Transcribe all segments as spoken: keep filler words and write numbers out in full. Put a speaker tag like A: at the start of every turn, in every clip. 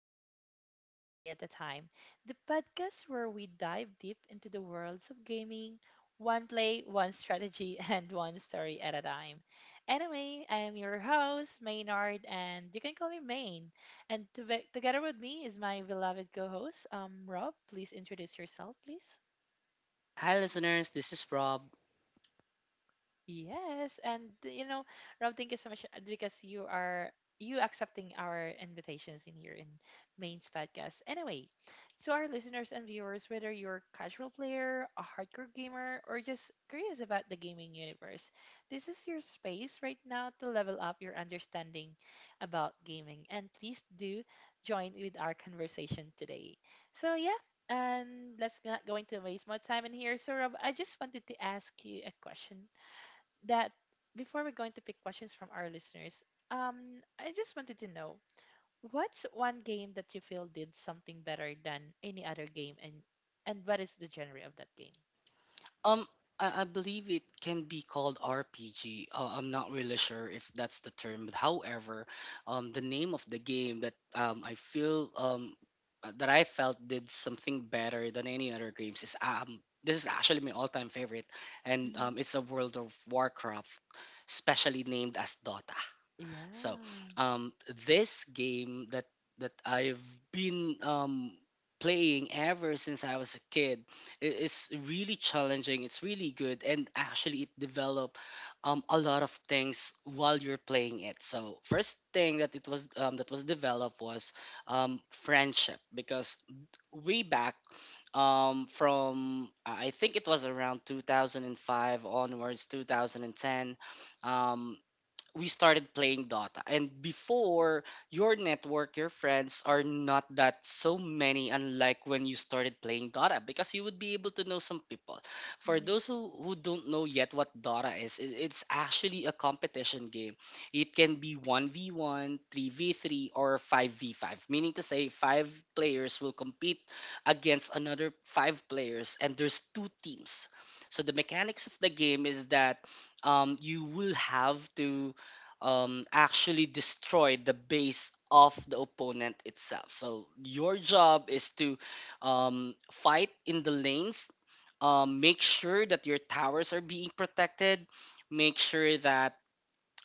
A: Worlds One Play at a Time, the podcast where we dive deep into the worlds of gaming, one play, one strategy, and one story at a time. Anyway, I am your host, Maynard, and you can call me Main. And to together with me is my beloved co host, um, Rob. Please introduce yourself, please.
B: Hi, listeners. This is Rob.
A: Yes, and you know, Rob, thank you so much uh, because you are you accepting our invitations in here in Main's podcast. Anyway, to our listeners and viewers, whether you're a casual player, a hardcore gamer, or just curious about the gaming universe, this is your space right now to level up your understanding about gaming. And please do join with our conversation today. So yeah, and let's not going to waste more time in here. So Rob, I just wanted to ask you a question that before we're going to pick questions from our listeners, um, I just wanted to know what's one game that you feel did something better than any other game, and and what is the genre of that game?
B: Um, I, I believe it can be called R P G. Uh, I'm not really sure if that's the term, but however, um, the name of the game that um, I feel, um, uh, that I felt did something better than any other games is, um, this is actually my all-time favorite, and um,
A: Hmm.
B: it's a World of Warcraft, specially named as Dota. So,
A: Yeah.
B: um, this game that that I've been, um, playing ever since I was a kid i- is really challenging. It's really good, and actually, it developed um, a lot of things while you're playing it. So, first thing that it was um, that was developed was, um, friendship, because way back, um, from, I think, it was around two thousand five onwards, two thousand ten. Um, we started playing Dota. And before, your network, your friends are not that so many, unlike when you started playing Dota, because you would be able to know some people. For
A: Mm-hmm.
B: those who, who don't know yet what Dota is, it, it's actually a competition game. It can be one v one, three v three, or five v five, meaning to say, five players will compete against another five players, and there's two teams. So the mechanics of the game is that, um, you will have to, um, actually destroy the base of the opponent itself. So your job is to, um, fight in the lanes, um, make sure that your towers are being protected, make sure that,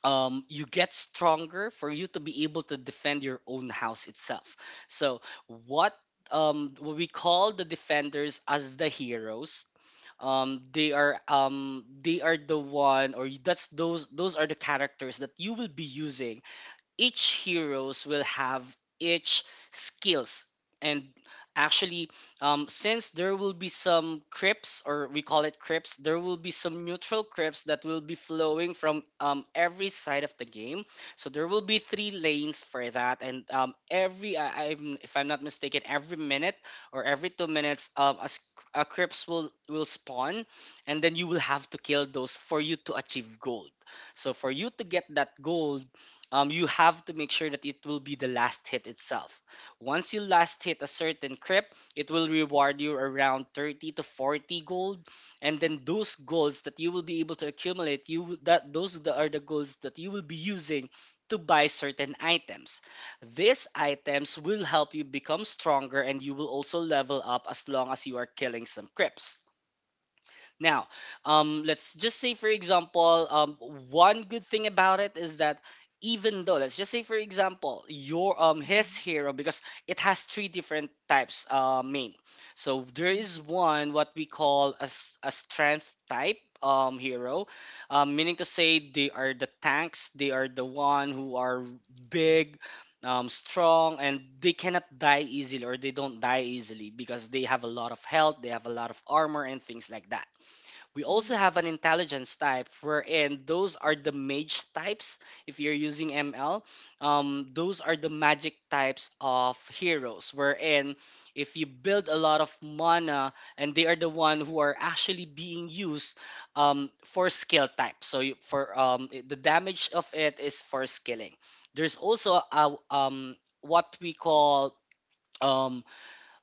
B: um, you get stronger for you to be able to defend your own house itself. So what, um, what we call the defenders as the heroes. Um, they are, um, they are the one, or that's those those are the characters that you will be using. Each heroes will have each skills, and actually, um, since there will be some crypts, or we call it crypts, there will be some neutral crypts that will be flowing from, um, every side of the game, so there will be three lanes for that. And, um, every, I, I'm, if I'm not mistaken, every minute or every two minutes, um, a, s- a crypts will will spawn, and then you will have to kill those for you to achieve gold. So for you to get that gold, um, you have to make sure that it will be the last hit itself. Once you last hit a certain crib, it will reward you around thirty to forty gold. And then those goals that you will be able to accumulate, you will- that those the- are the goals that you will be using to buy certain items. These items will help you become stronger, and you will also level up as long as you are killing some crips. Now, um, let's just say, for example, um, one good thing about it is that, even though, let's just say, for example, your um his
A: Mm-hmm.
B: hero, because it has three different types, uh, Main. So there is one, what we call a, s- a strength type um hero, um, meaning to say they are the tanks, they are the one who are big. Um, strong, and they cannot die easily, or they don't die easily because they have a lot of health, they have a lot of armor, and things like that. We also
A: Mm-hmm.
B: have an intelligence type, wherein those are the mage types if you're using M L. Um, those are the magic types of heroes, wherein if you build a lot of mana, and they are the one who are actually being used um, for skill type. So you, for um, i- the damage of it is for skilling. There's also a, um, what we call um,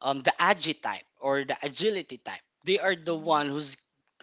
B: um, the agi type, or the agility type. They are the
A: Mm-hmm.
B: one who's,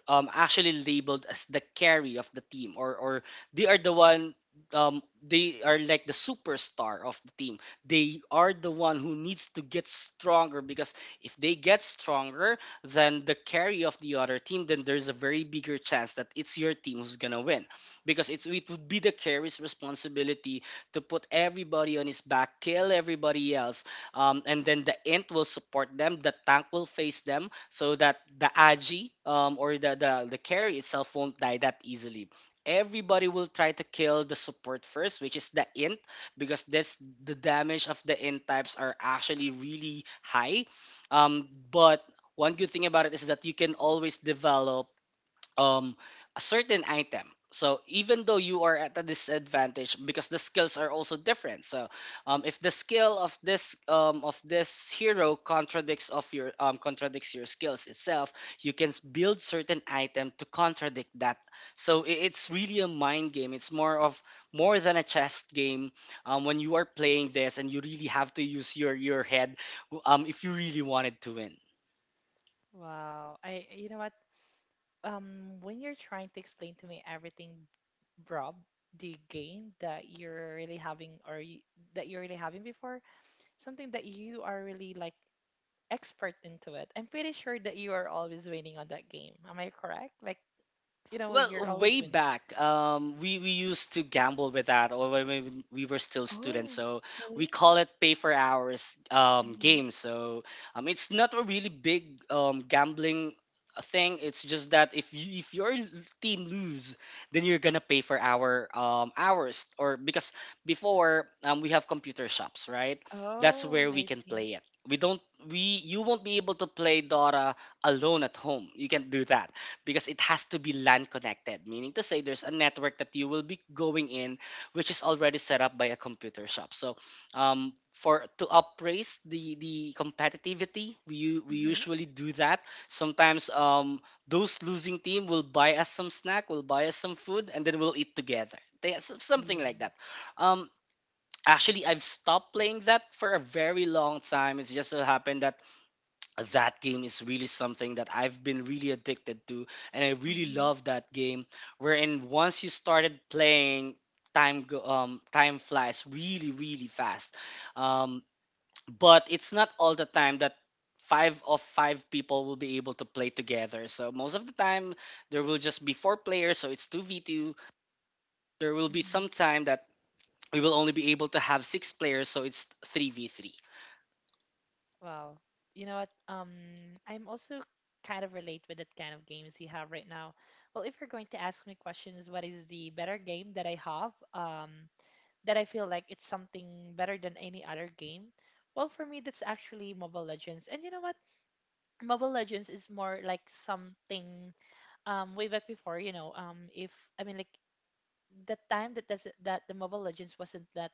B: um, actually labeled as the carry of the team, or or they are the one, um, they are like the superstar of the team. They are the one who needs to get stronger, because if they get stronger than the carry of the other team, then there's a very bigger chance that it's your team who's gonna win. Because it's it would be the carry's responsibility to put everybody on his back, kill everybody else, um, and then the int will support them, the tank will face them so that the agi, um, or the, the the carry itself won't die that easily. Everybody will try to kill the support first, which is the int, because that's the damage of the int types are actually really high. Um, but one good thing about it is that you can always develop um a certain item. So even though you are at a disadvantage, because the skills are also different, so, um, if the skill of this um, of this hero contradicts of your, um, contradicts your skills itself, you can s- build certain item to contradict that. So i- it's really a mind game, it's more of more than a chess game, um, when you are playing this, and you really have to use your your head, um, if you really wanted to win.
A: Wow. I you know what? Um, when you're trying to explain to me everything, Rob, the game that you're really having or y- that you're really having before, something that you are really like, expert into it. I'm pretty sure that you are always winning on that game. Am I correct? Like, you know, you're
B: Well,
A: always
B: way
A: winning.
B: back, um, we, we used to gamble with that, or when we we were still students.
A: Oh,
B: So we
A: really?
B: call it pay for hours, um,
A: Mm-hmm.
B: game. So, um, it's not a really big, um, gambling thing. It's just that if you, if your team lose, then you're gonna pay for our, um, hours, or because before, um, we have computer shops, right? That's
A: Oh,
B: where we
A: I
B: can
A: see.
B: play it. We don't we you won't be able to play Dora alone at home. You can't do that because it has to be LAN connected, meaning to say there's a network that you will be going in, which is already set up by a computer shop. So, um, for to upraise the the competitivity, we u- we
A: Mm-hmm.
B: usually do that. Sometimes, um, those losing team will buy us some snack, will buy us some food, and then we'll eat together. They, s- something
A: Yeah.
B: like that. Um, actually, I've stopped playing that for a very long time. It's just so happened that that game is really something that I've been really addicted to, and I really
A: Mm-hmm.
B: love that game. Wherein once you started playing, time go, um time flies really really fast. Um, but it's not all the time that five of five people will be able to play together. So most of the time there will just be four players, so it's two v two. There will be
A: Mm-hmm.
B: some time that we will only be able to have six players, so it's three v three.
A: Wow. You know what? Um, I'm also kind of relate with that kind of games you have right now. Well, if you're going to ask me questions, what is the better game that I have? Um, that I feel like it's something better than any other game. Well, for me, that's actually Mobile Legends. And you know what? Mobile Legends is more like something um way back before, you know, um if I mean like the time that does that the Mobile Legends wasn't that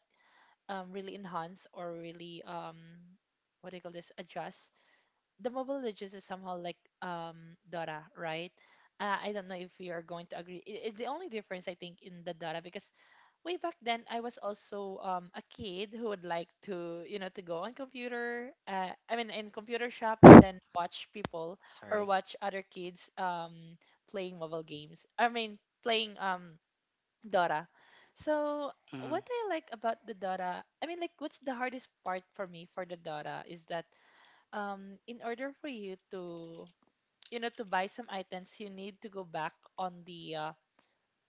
A: um really enhanced or really um what do you call this, adjust. The Mobile Legends is somehow like um Dora, right? Uh, I don't know if you are going to agree. I i- the only difference I think in the Dora, because way back then I was also um, a kid who would like to, you know, to go on computer uh, I mean in computer shop and then watch people or
B: Sorry.
A: watch other kids um, playing mobile games, I mean playing um, Dora. So what
B: Hmm.
A: I like about the Dora, I mean like what's the hardest part for me for the Dora is that um, in order for you to, you know, to buy some items you need to go back on the uh,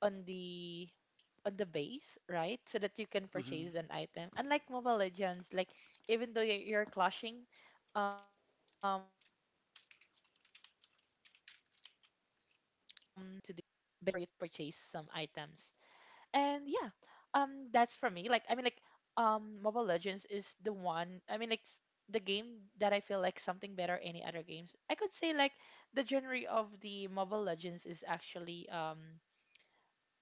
A: on the on the base, right? So that you can
B: Hmm.
A: purchase an item. Unlike Mobile Legends, like even though you're, you're clashing, um, there's no need for you to go back onto the uh, you know, to the base for you to purchase some items. And yeah, um, that's for me. Like I mean, like um, Mobile Legends is the one. I mean, like s- the game that I feel like something better any other games. I could say like the genre of the Mobile Legends is actually um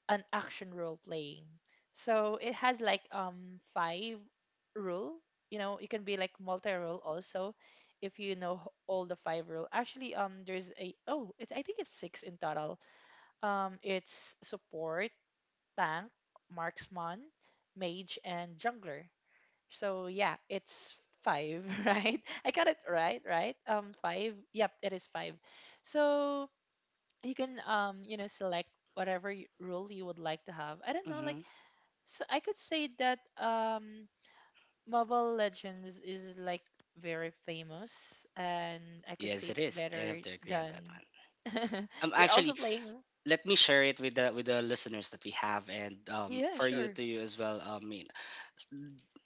A: an action role playing. So it has like um five rule. You know, it can be like multi role also if you know h- all the five rule. Actually, um there's a oh, it, I think it's six in total. Um it's support, tank, marksman, mage and jungler. So yeah, it's five, right? I got it right, right? Um five. Yep, it is five. So you can um you know select whatever y- role you would like to have. I don't know like
B: Hmm.
A: so I could say that um Mobile Legends is like very famous and I could say
B: Yes, it
A: it's
B: is. I
A: better
B: have to agree on
A: than
B: that one. Um,
A: You're also
B: actually,
A: playing
B: let me share it with the with the listeners that we have, and, um,
A: Yeah,
B: for you,
A: sure.
B: to you as well, um, Min.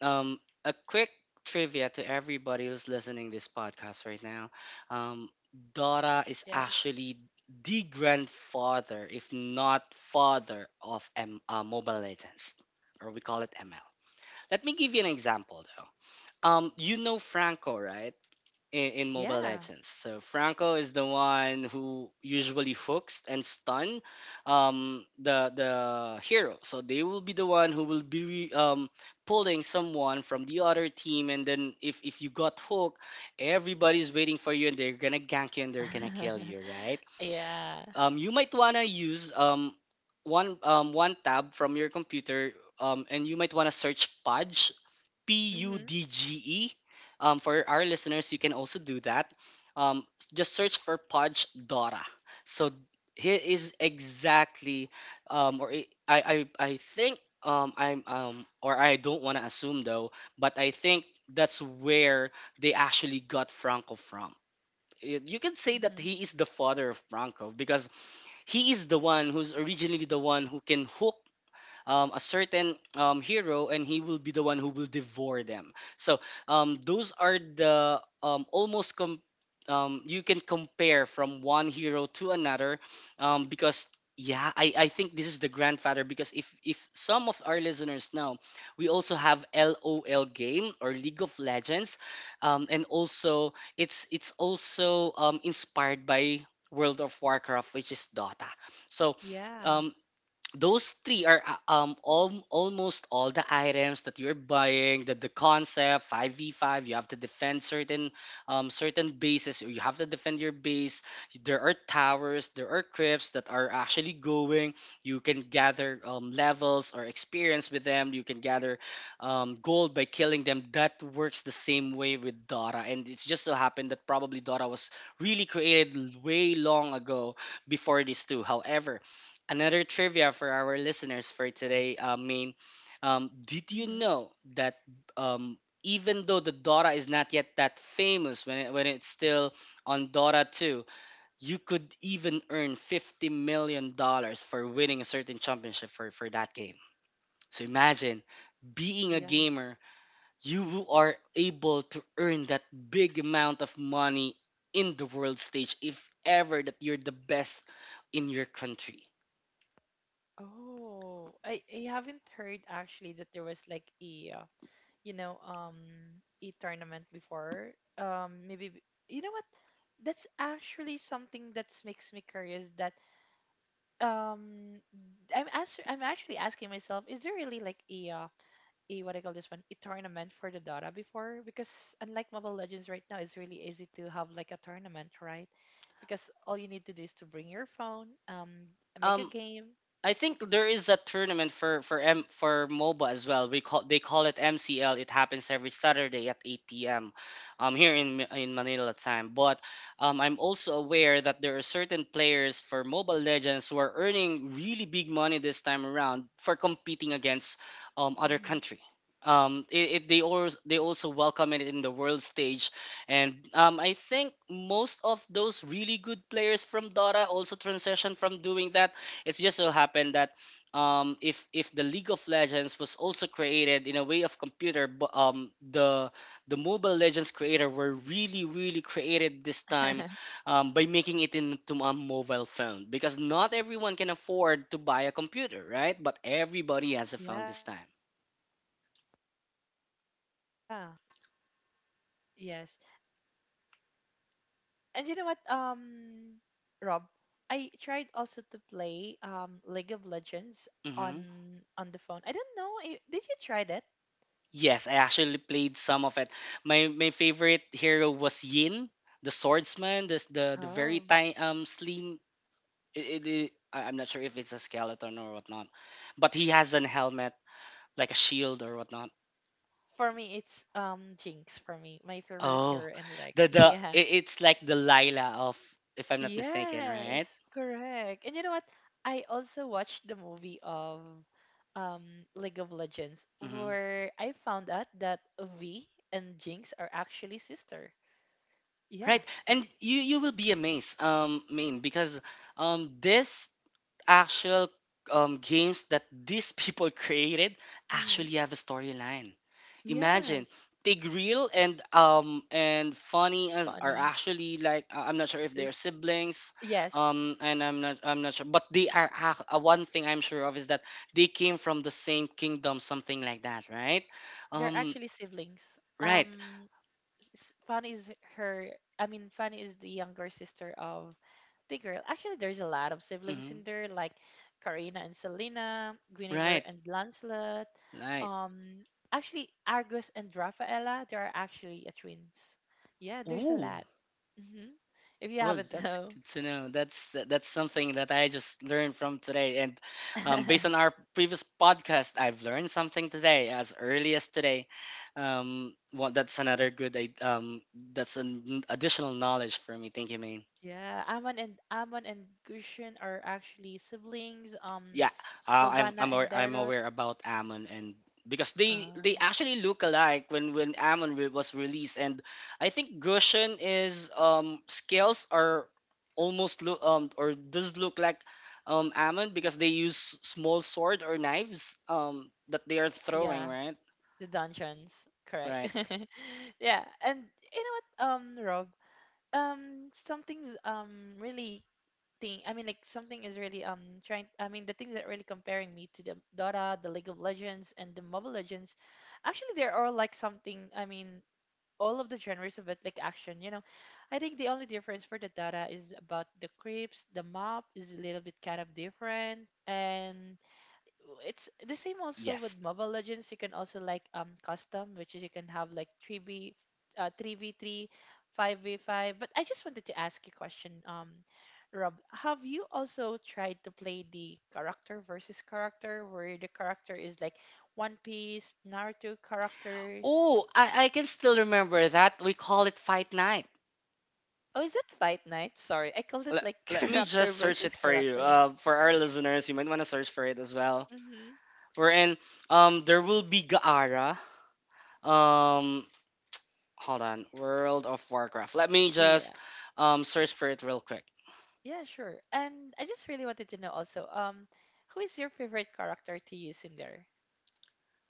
B: Um, a quick trivia to everybody who's
A: Hmm.
B: listening this podcast right now. Um, Dora
A: Yes.
B: is actually the grandfather, if not father, of M- uh, Mobile Legends, or we call it M L. Let me give you an example, though. Um, you know Franco, right? in, in Mobile
A: Yeah.
B: Legends. So Franco is the one who usually hooks and stun, um, the the hero. So they will be the one who will be, um, pulling someone from the other team, and then if if you got hooked, everybody's waiting for you, and they're gonna gank you, and they're gonna kill you, right?
A: Yeah.
B: Um, you might wanna use um one um one tab from your computer. Um, and you might want to search Pudge P U
A: Mm-hmm.
B: D G E. Um, for our listeners, you can also do that. Um, just search for Podge Dora. So he is exactly, um, or I, I, I I think, um, I'm, um, or I don't want to assume though, but I think that's where they actually got Franco from. Y- You can say that
A: Mm-hmm.
B: he is the father of Franco because he is the one who's originally the one who can hook um, a certain um, hero, and he will be the one who will devour them. So um, those are the um, almost com- um, you can compare from one hero to another, um, because yeah, I, I think this is the grandfather, because if if some of our listeners know, we also have LOL game, or League of Legends, um, and also it's it's also um, inspired by World of Warcraft, which is DOTA. so
A: Yeah.
B: um, those three are uh, um al- almost all the items that you're buying, that the concept five v five, you have to defend certain um
A: Mm-hmm.
B: certain bases, or you have to defend your base. There are towers, there are crypts that are actually going. You can gather um, levels or experience with them. You can gather um, gold by killing them. That works the same way with DOTA, and it's just so happened that probably DOTA was really created way long ago before this too. However, another trivia for our listeners for today, uh, Main. Um, did you
A: Mm-hmm.
B: know that um, even though the Dora is not yet that famous when, it, when it's still on Dora two, you could even earn $50
A: Mm-hmm.
B: million dollars for winning a certain championship for, for that game? So imagine,
A: Yeah.
B: being a gamer, you are able to earn that big amount of money in the world stage, if ever that you're the best in your country.
A: Oh, I, I haven't heard actually that there was like a uh, you know, um, e tournament before. Um, maybe b- you know what? That's actually something that makes me curious. That um, I'm ask- I'm actually asking myself, is there really like a uh, a, what I call this one, a tournament for the Dota before? Because unlike Mobile Legends right now, it's really easy to have like a tournament, right? Because all you need to do is to bring your phone, um, make a
B: Um,
A: game.
B: I think there is a tournament for for M for MOBA as well. We call They call it M C L. It happens every Saturday at eight p m um here in Ma- in Manila time. But um, I'm also aware that there are certain players for Mobile Legends who are earning really big money this time around for competing against um other
A: Hmm.
B: country. Um, it, it they also they also welcome it in the world stage, and um, I think most of those really good players from Dota also transition from doing that. It's just so happened that um, if if the League of Legends was also created in a way of computer, but um, the the Mobile Legends creator were really really created this time um, by making it into a mobile phone, because not everyone can afford to buy a computer, right? But
A: Yeah,
B: everybody has a phone this
A: correct.
B: time.
A: Mhm. Yes. And you know what, um, Rob, I tried also to play um League of Legends
B: Hmm.
A: on on the phone. I don't know. i- Did you try that?
B: Yes, I actually played some of it. My my favorite hero was Yin, the swordsman, this the the very
A: Oh.
B: tiny um slim. It, it, it- I- I'm not sure if it's a skeleton or whatnot, but he has an helmet, like a shield or whatnot.
A: For me, it's um Jinx for me, my favorite
B: Oh,
A: hero in League.
B: the the
A: Yeah.
B: it, it's like the Lila of, if I'm not mistaken,
A: Yes,
B: right?
A: correct. And you know what? I also watched the movie of um League of Legends
B: Mm-hmm.
A: where I found out that V and Jinx are actually sister. Yeah.
B: Right, and you you will be amazed, um, Maine, because um, this actual um, games that these people created
A: Mm-hmm.
B: actually have a storyline. Imagine,
A: Yes.
B: Tigreal and um and Funny as are
A: Funny.
B: actually like, uh, I'm not sure if they're
A: Sis,
B: siblings,
A: yes,
B: um, and I'm not I'm not sure, but they are ac- uh, one thing I'm sure of is that they came from the same kingdom, something like that, right?
A: they're
B: Um,
A: actually siblings.
B: right,
A: Um, s- Fanny is her. I mean, Fanny is the younger sister of the girl. Actually, there's a lot of siblings
B: hmm.
A: in there, like Karina and Selena, Guinevere
B: right,
A: and Lancelot.
B: right.
A: Um, actually, Argus and Rafaela. They are actually a twins. Yeah, there's a
B: Ooh.
A: lot. Hmm. If you
B: Well,
A: haven't
B: that's
A: know.
B: good to know. That's that's something that I just learned from today, and um, based on our previous podcast, I've learned something today, as early as today. Um, well, that's another good. I- Um, that's an additional knowledge for me. Thank you, Maine.
A: Yeah, Amon and Amon and Gushin are actually siblings. Um,
B: Yeah, uh, i'm i'm
A: Sylvana
B: aware,
A: and
B: I'm
A: Dairot.
B: aware about Amon, and because they
A: Uh,
B: they actually look alike when when Amon re- was released. And I think Gushin is um scales are almost look um or does look like um Amon, because they use small sword or knives um that they are throwing,
A: yeah,
B: right?
A: the dungeons, correct.
B: right
A: Yeah, and you know what, um, Rob, um, something's um really thing. I mean, like something is really um trying. I mean, the things that really comparing me to the Dota, the League of Legends, and the Mobile Legends, actually, they're all like something. I mean, all of the genres of it, like action, you know. I think the only difference for the data is about the creeps, the map is a little bit kind of different. And it's the same also with
B: yes
A: Mobile Legends. You can also like um custom, which is you can have like three v, uh three v three, five v five. But I just wanted to ask you a question, um, Rob. Have you also tried to play the character versus character where the character is like One Piece, Naruto characters?
B: oh, i i can still remember that we call it Fight Night.
A: Oh, is that Fight Night? Sorry, I called it
B: let,
A: like
B: Let me just
A: character
B: search it
A: versus
B: for you.
A: character.
B: Uh, for our listeners, you might want to search for it as well.
A: Mm-hmm.
B: Wherein, um there will be Gaara. Um, hold on. World of Warcraft. Let me
A: Yeah,
B: just um search for it real quick.
A: yeah, sure. And I just really wanted to know also, um, who is your favorite character to use in there?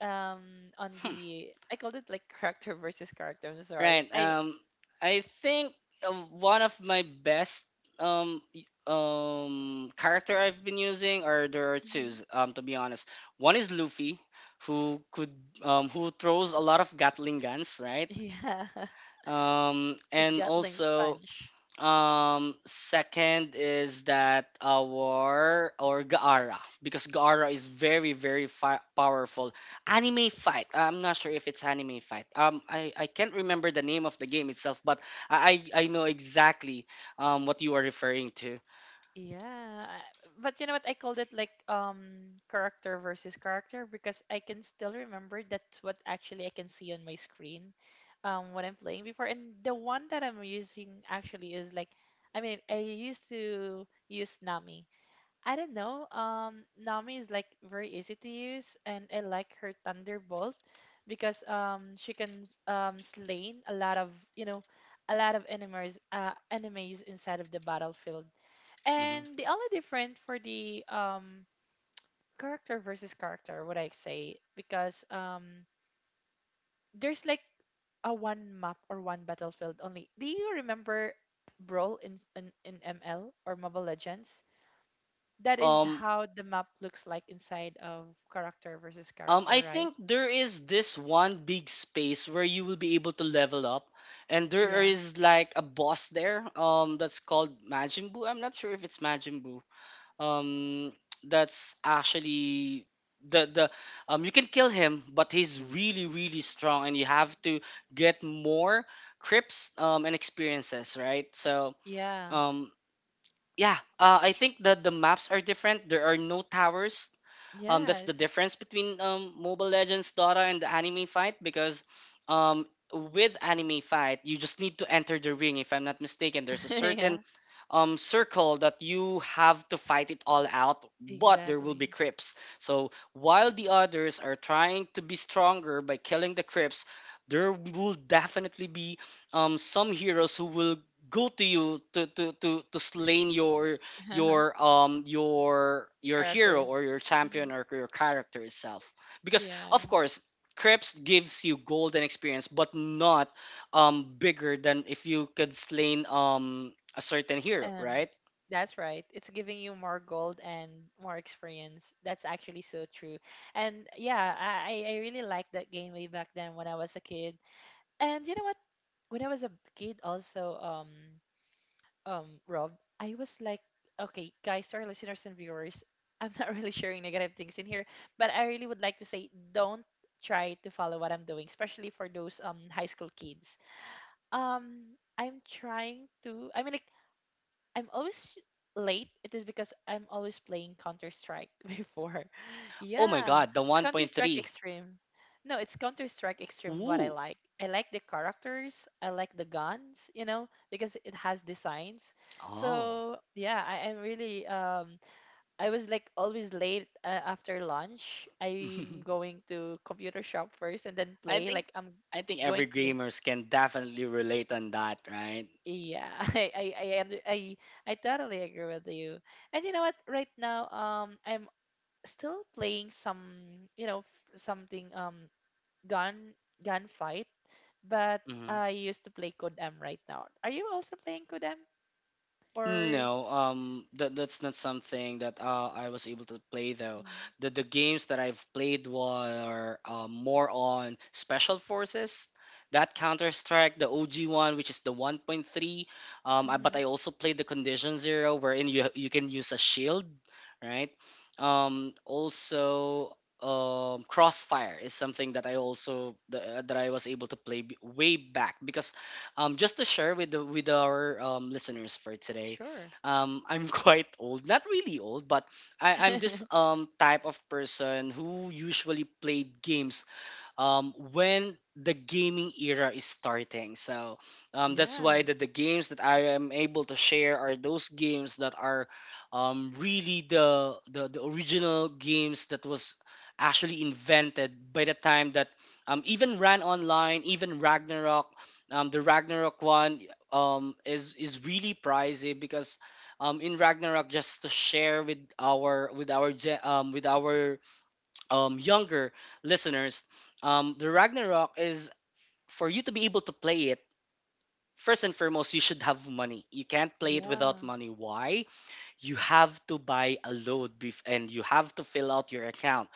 A: Um, on
B: Hmm.
A: the, I called it like character versus character. I'm sorry.
B: Right.
A: I
B: Um I think uh, one of my best um y- um character I've been using, or there are two
A: hmm
B: um to be honest. One is Luffy, who could um who throws a lot of Gatling guns, right?
A: yeah,
B: Um,
A: his
B: and
A: Gatling
B: also.
A: punch.
B: Um, second is that our or Gaara, because Gaara is very very fi- powerful anime fight. I'm not sure if it's anime fight. Um, I, I can't remember the name of the game itself, but I I I know exactly um what you are referring to.
A: Yeah, I- but you know what? I called it like um character versus character because I can still remember that's what actually I can see on my screen, um, what I'm playing before. And the one that I'm using actually is like, I mean, I used to use Nami. I don't know. Um, Nami is like very easy to use, and I like her Thunderbolt because um she can um slain a lot of, you know, a lot of enemies uh enemies inside of the battlefield.
B: Mhm.
A: And the only different for the um character versus character, would I say, because um there's like a one map or one battlefield only. Do you remember Brawl in in, in M L or Mobile Legends? That is
B: Um,
A: how the map looks like inside of character versus
B: um, I
A: character, right?
B: think there is this one big space where you will be able to level up, and there
A: Yeah.
B: is like a boss there. Um, that's called Majin Buu. I'm not sure if it's Majin Buu. Um that's actually the the um you can kill him, but he's really really strong and you have to get more crips um and experiences, right? so
A: Yeah.
B: um yeah, uh, I think that the maps are different. There are no towers, um that's the
A: Yes.
B: difference between um Mobile Legends, Dota, and the anime fight. Because um with anime fight, you just need to enter the ring. If I'm not mistaken, there's a certain
A: Yeah.
B: um, circle that you have to fight it all out, but there will
A: Exactly.
B: be creeps. So while the others are trying to be stronger by killing the creeps, there will definitely be um, some heroes who will go to you to to to to slain your your um your your hero,
A: Character.
B: or your
A: Hmm.
B: champion, or your character itself. Because
A: Yeah.
B: of course, creeps gives you golden experience, but not um bigger than if you could slain um a certain hero,
A: Um,
B: right?
A: that's right. It's giving you more gold and more experience. That's actually so true. And yeah, I I I really liked that game way back then when I was a kid. And you know what? When I was a kid also, um, um, Rob, I was like, okay, guys, to our listeners and viewers, I'm not really sharing negative things in here, but I really would like to say don't try to follow what I'm doing, especially for those um high school kids. Um, I'm trying to. I mean, like I'm always late. It is because I'm always playing Counter Strike before.
B: Oh my
A: Yeah,
B: god, the
A: Counter Strike
B: one point three.
A: Extreme. No, it's Counter Strike Extreme what I
B: Woo.
A: like. I like the characters, I like the guns, you know, because it has designs.
B: Oh.
A: So, yeah, I, I'm really um I was like always late uh, after lunch. I'm going to computer shop first and then
B: I
A: play
B: think
A: like I'm
B: I think every
A: going to late.
B: gamers can definitely relate on that, right?
A: Yeah, I I I under- I I totally agree with you. And you know what? Right now, um, I'm still playing some, you know, f- something um gun gunfight, but
B: Mm-hmm.
A: I used to play Kodam right now. Are you also playing Kodam or?
B: No, um, that that's not something that uh, I was able to play though. The the games that I've played were, uh, more on Special Forces, that Counter Strike, the O G one, which is the one point three. Um, I, but
A: Mm-hmm.
B: I also played the Condition Zero, wherein you you can use a shield, right? Um, also, um, Crossfire is something that I also that, uh, that I was able to play b- way back, because um, just to share with the, with our um, listeners for today,
A: Sure.
B: um, I'm quite old. Not really old, but I, I'm this um type of person who usually played games um, when the gaming era is starting. So um, that's
A: Yeah.
B: why the, the games that I am able to share are those games that are um, really the, the the original games that was actually invented by the time that um, even Ran Online, even Ragnarok, um, the Ragnarok one um, is is really pricey, because um, in Ragnarok, just to share with our with our gen- um, with our um, younger listeners, um, the Ragnarok is, for you to be able to play it, first and foremost, you should have money. You can't play it without
A: Yeah.
B: money. Why? You have to buy a load bef- and you have to fill out your account.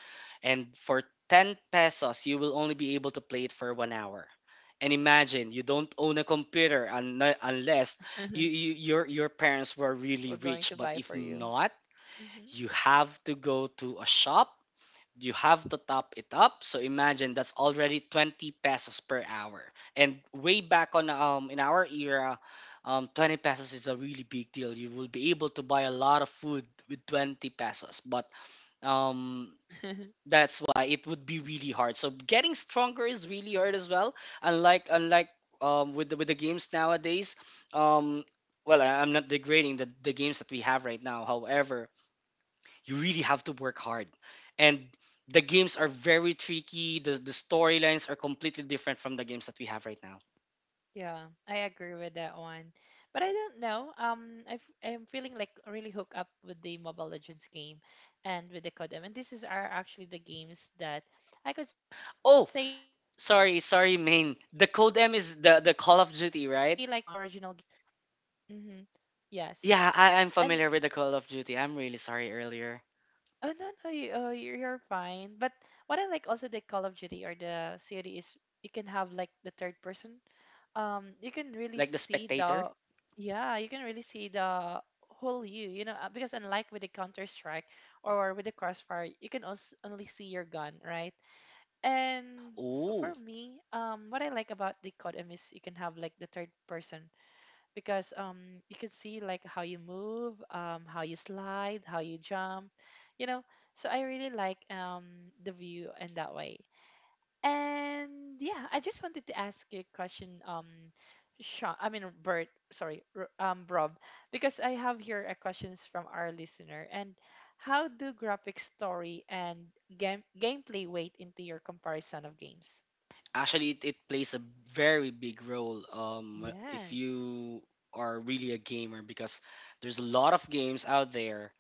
B: And for ten pesos, you will only be able to play it for one hour. And imagine you don't own a computer, un- unless you, you, your, your parents were really
A: We're going
B: rich.
A: to
B: But
A: buy
B: if
A: for you.
B: not,
A: Mm-hmm.
B: you have to go to a shop, you have to top it up. So imagine that's already twenty pesos per hour. And way back on um in our era, um twenty pesos is a really big deal. You will be able to buy a lot of food with twenty pesos. But um that's why it would be really hard. So getting stronger is really hard as well. Unlike unlike um with the, with the games nowadays, um well I- I'm not degrading the, the games that we have right now. However, you really have to work hard. And the games are very tricky. The, the storylines are completely different from the games that we have right now.
A: Yeah, I agree with that one. But I don't know. Um, I f- I'm feeling like really hooked up with the Mobile Legends game and with the Codem. And this is are actually the games that I could say like
B: Oh,
A: feeling something
B: sorry,
A: different
B: sorry,
A: right now.
B: main.
A: But of
B: The Code
A: course,
B: M
A: the
B: is the,
A: O G
B: the Call
A: one
B: of
A: or the
B: Duty,
A: original
B: right?
A: games. Mm-hmm. Yes.
B: Yeah, I, I'm
A: And
B: familiar with the Call of Duty. I'm really sorry earlier.
A: oh no, no, you, oh, you're you're fine. But what I like also the Call of Duty or the C O D is you can have like the third person. Um, you can really
B: Like the
A: see
B: spectator?
A: the, yeah, you can really see the whole you, you know, uh, because unlike with the Counter Strike or with the Crossfire, you can also only see your gun, right? And
B: Ooh.
A: for me, um, what I like about the C O D is you can have like the third person because um you can see like how you move, um how you slide, how you jump you know so I really like um the view in that way. And yeah, I just wanted to ask you a question. Um Sean, I mean Bert, sorry, R- um Rob, because I have here a questions from our listener. And how do graphic story and game gameplay weight into your comparison of games?
B: Actually, it, it plays a very big role, um, if
A: Yes.
B: you are really a gamer, because there's a lot of games out there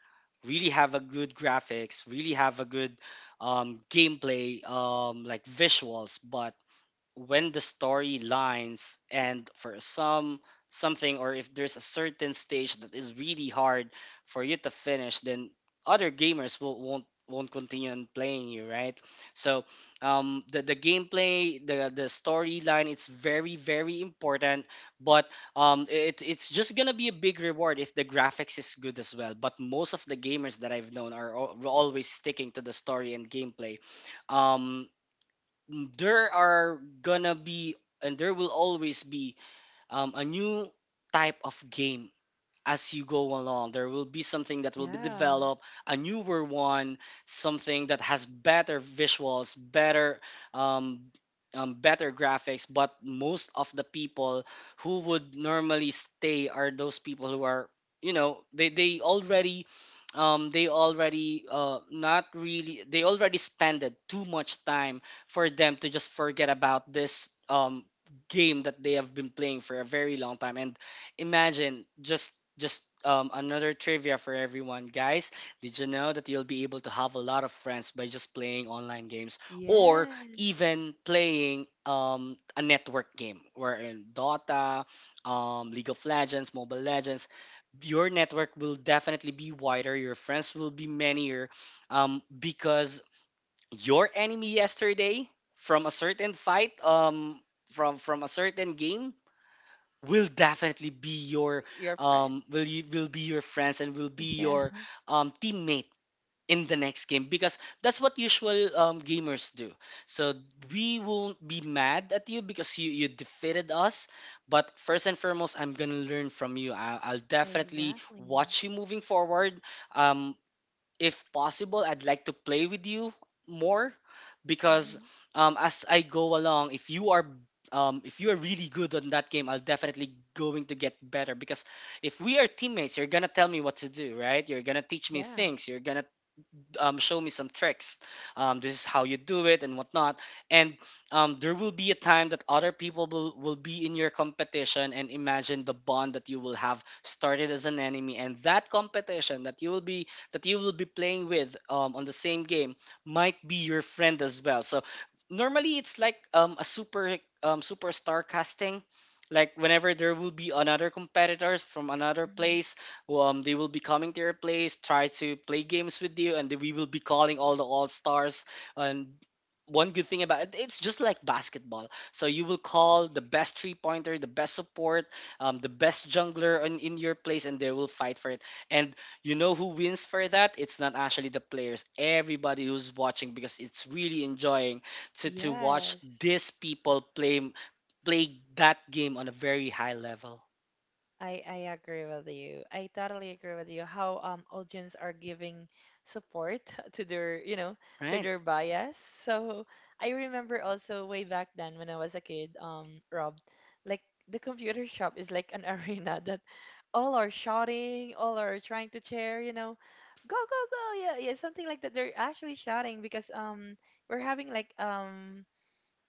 B: really have a good graphics, really have a good um, gameplay, um, like visuals. But when the story lines, and for some something, or if there's a certain stage that is really hard for you to finish, then other gamers will, won't won't continue on playing, you right? so um the, the gameplay, the the storyline, it's very
A: Mm-hmm.
B: very important. But um it, it's just gonna be a big reward if the graphics is good as well. But most of the gamers that I've known are al- always sticking to the story and gameplay. Um, mm, there are gonna be, and there will always be um, a new type of game as you go along. There will be something that will be
A: Yeah.
B: developed, a newer one, something that has better visuals, better, um, um, better graphics. But most of the people who would normally stay are those people who are you know they they already um, they already uh, not really they already spended too much time for them to just forget about this um, game that they have been playing for a very long time. And imagine, just just um, another trivia for everyone, guys. Did you know that you'll be able to have a lot of friends by just playing online games, or even
A: Yes.
B: playing um, a network game, where in dota, um, League of Legends, Mobile Legends, your network will definitely be wider, your friends will be manier, um, because your enemy yesterday from a certain fight, um, from from a certain game, will definitely be your,
A: Your friend.
B: um will you will be your friends, and will be
A: Yeah,
B: your um teammate in the next game, because that's what usual um, gamers do. So we won't be mad at you because you, you defeated us. But first and foremost, I'm gonna learn from you. I, I'll definitely
A: exactly.
B: watch you moving forward. um, if possible, I'd like to play with you more, because
A: Hmm.
B: um, as I go along, if you are um, if you are really good on that game, I'll definitely going to get better. Because if we are teammates, you're gonna tell me what to do, right? You're gonna teach me
A: Yeah.
B: things. You're gonna, um, show me some tricks. Um, this is how you do it and whatnot. And um, there will be a time that other people will, will be in your competition. And imagine the bond that you will have, started as an enemy, and that competition that you will be that you will be playing with um, on the same game might be your friend as well. So normally it's like um, a super um, superstar casting. Like whenever there will be another competitors from another
A: Hmm.
B: place, well, um, they will be coming to your place, try to play games with you, and we will be calling all the all stars. And one good thing about it, it's just like basketball. So you will call the best three pointer, the best support, um, the best jungler in, in your place, and they will fight for it. And you know who wins for that? It's not actually the players, everybody who's watching, because it's really enjoying to, to watch
A: Yes.
B: these people play play that game on a very high level.
A: I I agree with you. I totally agree with you. How um audience are giving support to their, you know, to
B: Right?
A: their bias. So I remember also way back then when I was a kid, um, Rob, like the computer shop is like an arena that all are shouting, all are trying to cheer, you know, go go go, yeah, yeah, something like that. They're actually shouting because um we're having like um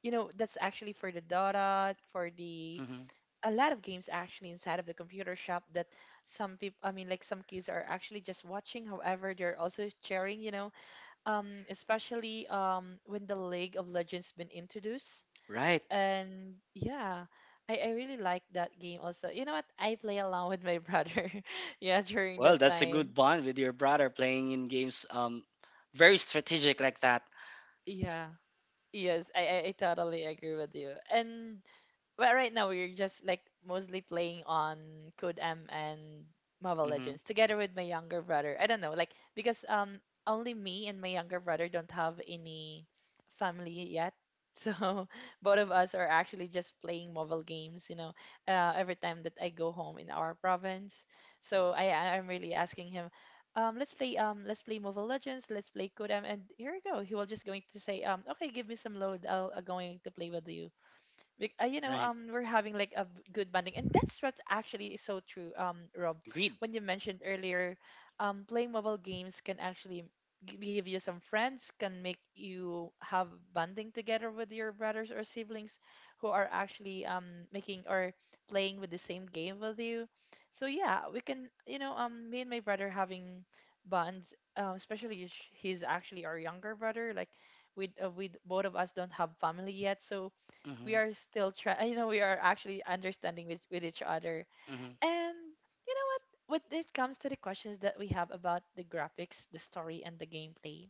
A: you know that's actually for the Dota, for the
B: Hmm.
A: a lot of games actually inside of the computer shop that some people, i mean like some kids are actually just watching, however they're also sharing you know um especially um when the League of Legends been introduced.
B: Right.
A: And yeah, I, I really like that game also. You know what? I play along with my brother, yeah, during
B: Well,
A: that
B: that's a good
A: time.
B: bond with your brother playing in games. Um, very strategic like that.
A: Yeah, yes, I, I i totally agree with you. And well, right now we're just like mostly playing on Code M and Mobile
B: Mm-hmm.
A: Legends together with my younger brother. I don't know, like because um only me and my younger brother don't have any family yet. So both of us are actually just playing mobile games, you know, uh, every time that I go home in our province. So I I- I'm really asking him, um, let's play um let's play Mobile Legends, let's play Code M, and here we go. He will just going to say, um, okay, give me some load. I'll, i going to play with you. Bec- uh, you know,
B: Right.
A: um, we're having like a b- good bonding, and that's what actually is so true. Um, Rob,
B: Agreed.
A: when you mentioned earlier, um, playing mobile games can actually g- give you some friends, can make you have bonding together with your brothers or siblings who are actually um making or playing with the same game with you. So yeah, we can, you know, um, me and my brother having bonds, um, especially if sh- he's actually our younger brother, like. We, uh, we both of us don't have family yet, so we
B: Mm-hmm.
A: are still trying. You know, we are actually understanding with, with each other.
B: Mm-hmm.
A: And you know what? When it comes to the questions that we have about the graphics, the story, and the gameplay,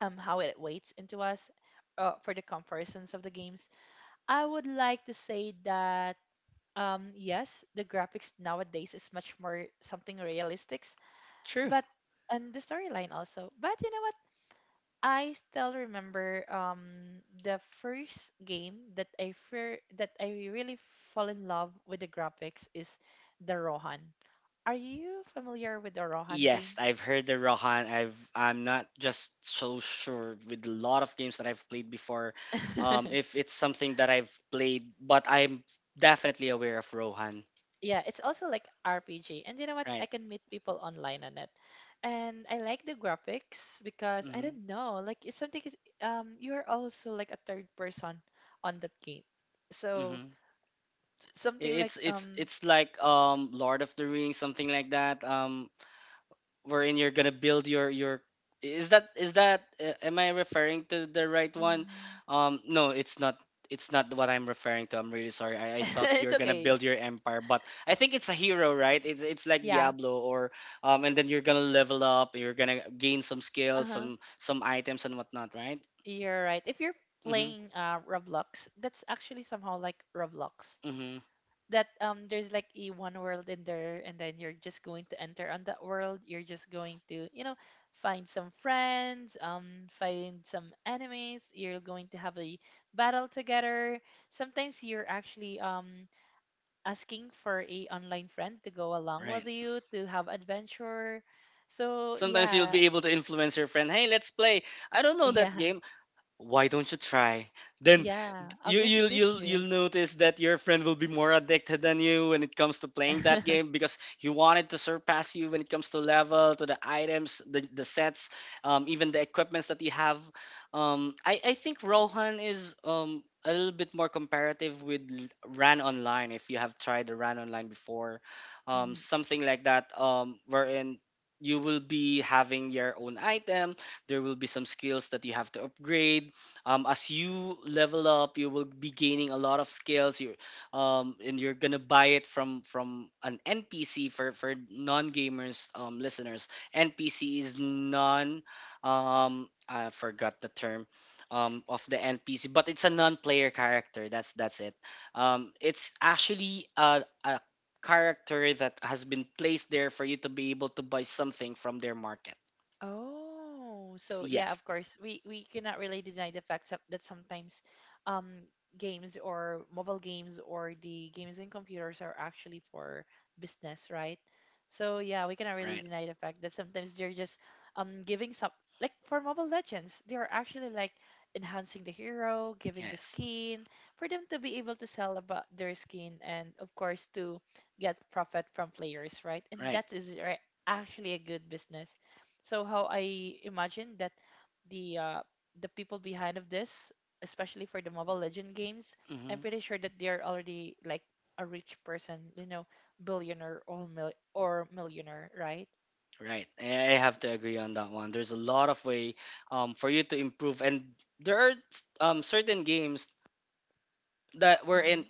A: um, how it weights into us, uh, for the comparisons of the games, I would like to say that um, yes, the graphics nowadays is much more something realistics,
B: True.
A: but and the storyline also. But you know what? I still remember um the first game that I fear that I really fall in love with the graphics is the Rohan. Are you familiar with the Rohan
B: Yes,
A: game?
B: I've heard the Rohan. I've I'm not just so sure with a lot of games that I've played before, um, if it's something that I've played, but I'm definitely aware of Rohan.
A: Yeah, it's also like R P G. And you know what? I
B: Right.
A: can meet people online on it. And I like the graphics because I
B: Mm-hmm.
A: don't know, like it's something is um you're also like a third person on that game. So
B: Mm-hmm.
A: something like
B: It's it's
A: um
B: it's like um Lord of the Rings, something like that. Um, wherein you're gonna build your your is that is that uh, am I referring to the right one?
A: mm,
B: Um, no, it's not. It's not what I'm referring to. I'm really sorry. I, I thought
A: it's
B: you're gonna
A: okay.
B: build your empire, but I think it's a hero, right? It's it's like
A: Yeah.
B: Diablo. Or um, and then you're gonna level up. You're gonna gain some skills,
A: Uh-huh.
B: some some items and whatnot, right?
A: You're right. If you're
B: Mm-hmm.
A: playing uh Roblox, that's actually somehow like Roblox.
B: Mm-hmm.
A: That um there's like a one world in there, and then you're just going to enter on that world. You're just going to, you know, find some friends, um find some enemies. You're going to have a battle together. Sometimes you're actually um asking for a online friend to go along
B: Right.
A: with you to have adventure. So,
B: Sometimes you'll
A: yeah.
B: be able to influence your friend. Hey, let's play. I don't know that
A: Yeah.
B: game. Why don't you try? Then
A: Yeah. I'll
B: you
A: going to
B: you'll
A: teach
B: you'll
A: you.
B: you'll notice that your friend will be more addicted than you when it comes to playing that game, because he wanted to surpass you when it comes to level, to the items, the the sets, um, even the equipments that you have. Um, I I think Rohan is um a little bit more comparative with L- Ran Online, if you have tried the Ran Online before, um,
A: Mhm.
B: something like that. Um, wherein you will be having your own item. There will be some skills that you have to upgrade, um, as you level up you will be gaining a lot of skills you um, and you're gonna buy it from from an npc. for for non-gamers, um, listeners, npc is non, um, I forgot the term um, of the npc, but it's a non-player character. That's that's it Um, it's actually a, a character that has been placed there for you to be able to buy something from their market.
A: Oh, so yeah,
B: Yes.
A: of course, we we cannot really deny the fact that that sometimes, um, games or mobile games or the games in computers are actually for business, right? So yeah, we cannot really
B: Right.
A: deny the fact that sometimes they're just um giving some, like for Mobile Legends, they are actually like enhancing the hero, giving the
B: Yes.
A: skin for them to be able to sell about their skin and of course to get profit from players, right? And
B: Right.
A: that is right, actually a good business. So how I imagine that the uh, the people behind of this, especially for the mobile legend games, I'm
B: Mm-hmm.
A: pretty sure that they're already like a rich person, you know, billionaire or mil- or millionaire, right?
B: Right. I I have to agree on that one. There's a lot of way um, for you to improve, and there are um, certain games that were
A: Mm-hmm.
B: in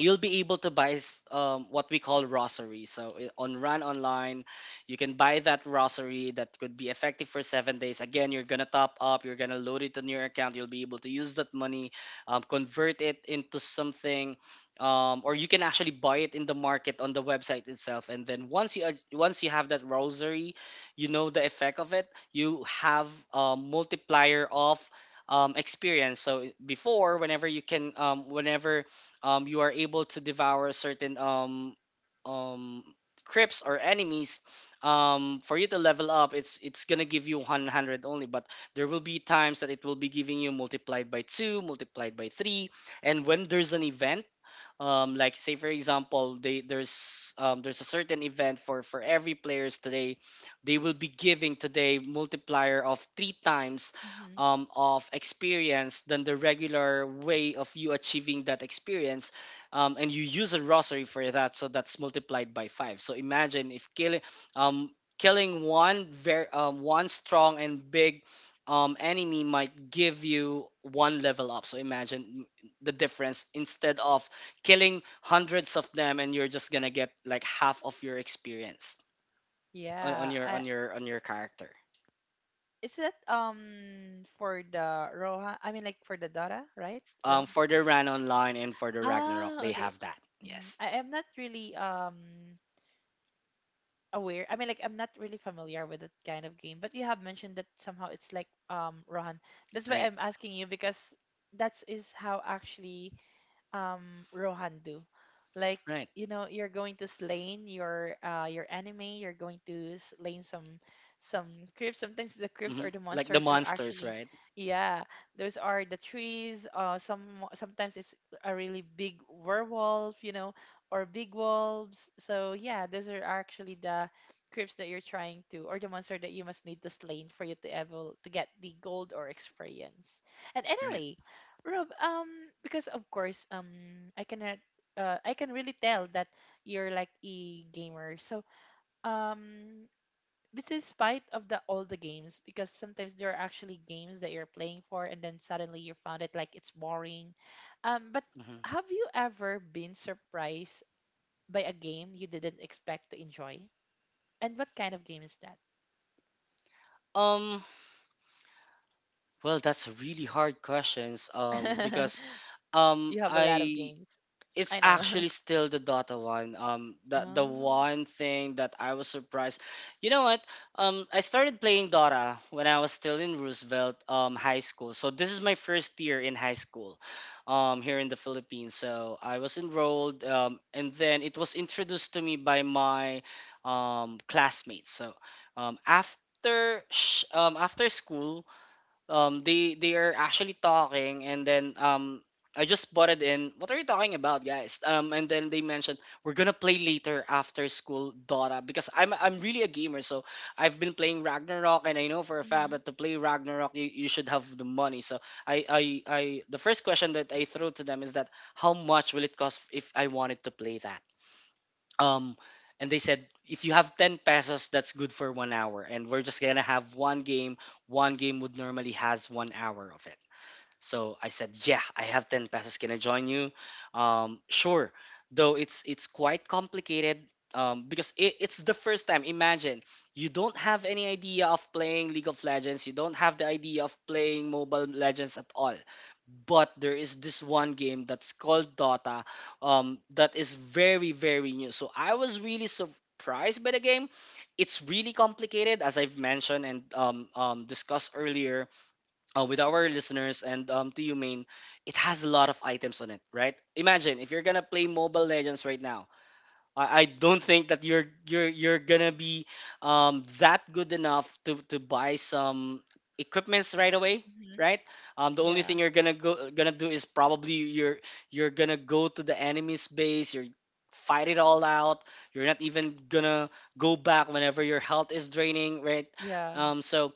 B: you'll be able to buy s- um, what we call rosary. So i- on Run Online, you can buy that rosary that could be effective for seven days. Again, you're gonna top up, you're gonna load it on your account. You'll be able to use that money, um, convert it into something, um, or you can actually buy it in the market on the website itself. And then once you ac- once you have that rosary, you know the effect of it. You have a multiplier of um, experience. So before, whenever you can, um, whenever, um, you are able to devour certain um, um, creeps or enemies um, for you to level up, it's it's gonna give you one hundred only. But there will be times that it will be giving you multiplied by two, multiplied by three. And when there's an event, um like, say for example, they there's um there's a certain event for for every players today, they will be giving today multiplier of three times
A: Mm-hmm.
B: um, of experience than the regular way of you achieving that experience, um, and you use a rosary for that. So that's multiplied by five. So imagine, if killing, um, killing one very um, one strong and big, um, enemy might give you one level up. So imagine, mm, the difference, instead of killing hundreds of them and you're just gonna get like half of your experience on, on
A: Yeah,
B: your on
A: I,
B: your on your character.
A: is that um for the roha I mean like for the Dota, right,
B: Um,
A: Rob?
B: for the ran online and for the ragnarok,
A: Ah,
B: they
A: okay.
B: have that,
A: Hmm,
B: yes.
A: I am not really um aware. I mean, like I'm not really familiar with that kind of game, but you have mentioned that somehow it's like um Rohan. That's why
B: Right.
A: I'm asking you because that is how actually um Rohan do. Like,
B: Right.
A: you know, you're going to slay your uh your enemy, you're going to slay some some creeps. Sometimes the creeps
B: Hmm,
A: or the
B: like the
A: monsters are
B: monsters,
A: actually
B: right?
A: yeah, those are the trees. Uh some sometimes it's a really big werewolf, you know, or big wolves. So yeah, those are actually the creeps that you're trying to or the monster that you must need to slay for you to able to get the gold or experience. And
B: Right.
A: anyway, Rob, um, because of course, um, I cannot, uh, I can really tell that you're like a gamer. So, um, but despite of the all the games, because sometimes there are actually games that you're playing for, and then suddenly you found it like it's boring. Um, but
B: Hmm.
A: have you ever been surprised by a game you didn't expect to enjoy? And what kind of game is that?
B: um well, that's really hard questions, um because, um
A: You have a lot of
B: I
A: games.
B: it's
A: I know.
B: actually still the Dota one. Um, the the
A: Oh,
B: one thing that I was surprised. You know what? Um, I started playing Dota when I was still in Roosevelt um high school. So this is my first year in high school, um here in the Philippines. So I was enrolled. Um, and then it was introduced to me by my um classmates. So, um after sh- um after school, um they they are actually talking. And then, um I just bought it in. What are you talking about, guys? Um, and then they mentioned, we're gonna play later after school Dota. Because I'm I'm really a gamer, so I've been playing Ragnarok, and I know for a fact
A: mhm,
B: that to play Ragnarok, you, you should have the money. So, I, I I, the first question that I throw to them is that, how much will it cost if I wanted to play that? um and they said, if you have ten pesos, that's good for one hour, and we're just gonna have one game. One game would normally has one hour of it. So I said, "Yeah, I have ten pesos. Can I join you?" Um, sure. Though it's it's quite complicated, um, because, it, it's the first time. Imagine, you don't have any idea of playing League of Legends. You don't have the idea of playing Mobile Legends at all. But there is this one game that's called Dota, um, that is very very new. So I was really surprised by the game. It's really complicated, as I've mentioned and, um, um, discussed earlier uh, with our listeners and, um, to you, main, it has a lot of items on it, right? Imagine if you're gonna play Mobile Legends right now. I, I don't think that you're you're you're gonna be um, that good enough to to buy some equipments right away,
A: mhm.
B: right? Um, the only
A: Yeah,
B: thing you're gonna go gonna do is probably you're you're gonna go to the enemy's base. You're fight it all out. You're not even gonna go back whenever your health is draining, right?
A: yeah.
B: Um, so,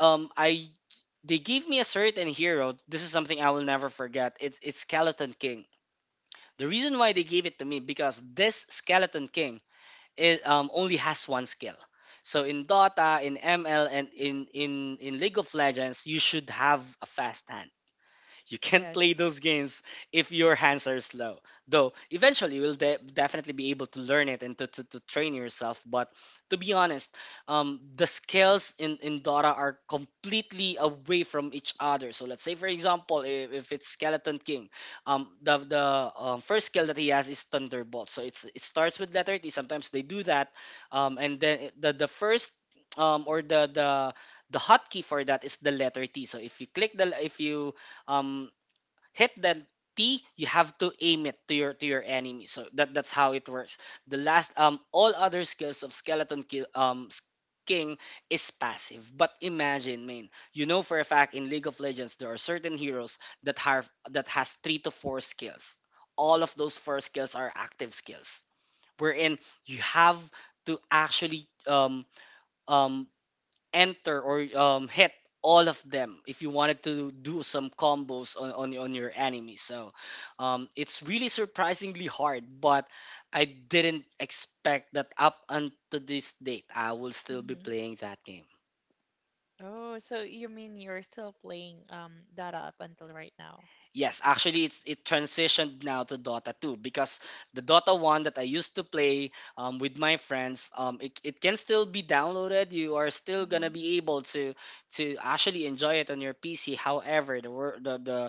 B: um, I they gave me a certain hero. This is something I will never forget. It's it's Skeleton King. The reason why they gave it to me, because this Skeleton King, it um, only has one skill. So in Dota, in M L, and in in in League of Legends, you should have a fast hand. You can't play
A: Yes.
B: those games if your hands are slow. Though eventually you'll de- definitely be able to learn it and to, to, to train yourself. But, to be honest, um, the skills in, in Dota are completely away from each other. So let's say, for example, if, if it's Skeleton King, um, the, the um, first skill that he has is Thunderbolt. So it's, it starts with letter T. Sometimes they do that. Um, and then it- the, the first, um, or the, the the hotkey for that is the letter T. So if you click the if you, um hit that T, you have to aim it to your to your enemy. So that that's how it works. The last, um all other skills of skeleton kill, um s- king, is passive. But imagine, man, you know for a fact in League of Legends there are certain heroes that have that has three to four skills. All of those four skills are active skills, wherein you have to actually um um enter or um, hit all of them if you wanted to do some combos on, on, on your enemy. So um, it's really surprisingly hard, but I didn't expect that up until this date, I will still be
A: Mm-hmm.
B: playing that game.
A: Oh, so you mean you're still playing um Dota up until right now?
B: Yes, actually, it's it transitioned now to Dota two because the Dota one that I used to play um, with my friends, um, it, it can still be downloaded. You are still
A: Mm-hmm.
B: gonna be able to to actually enjoy it on your P C. However, the wor- the the,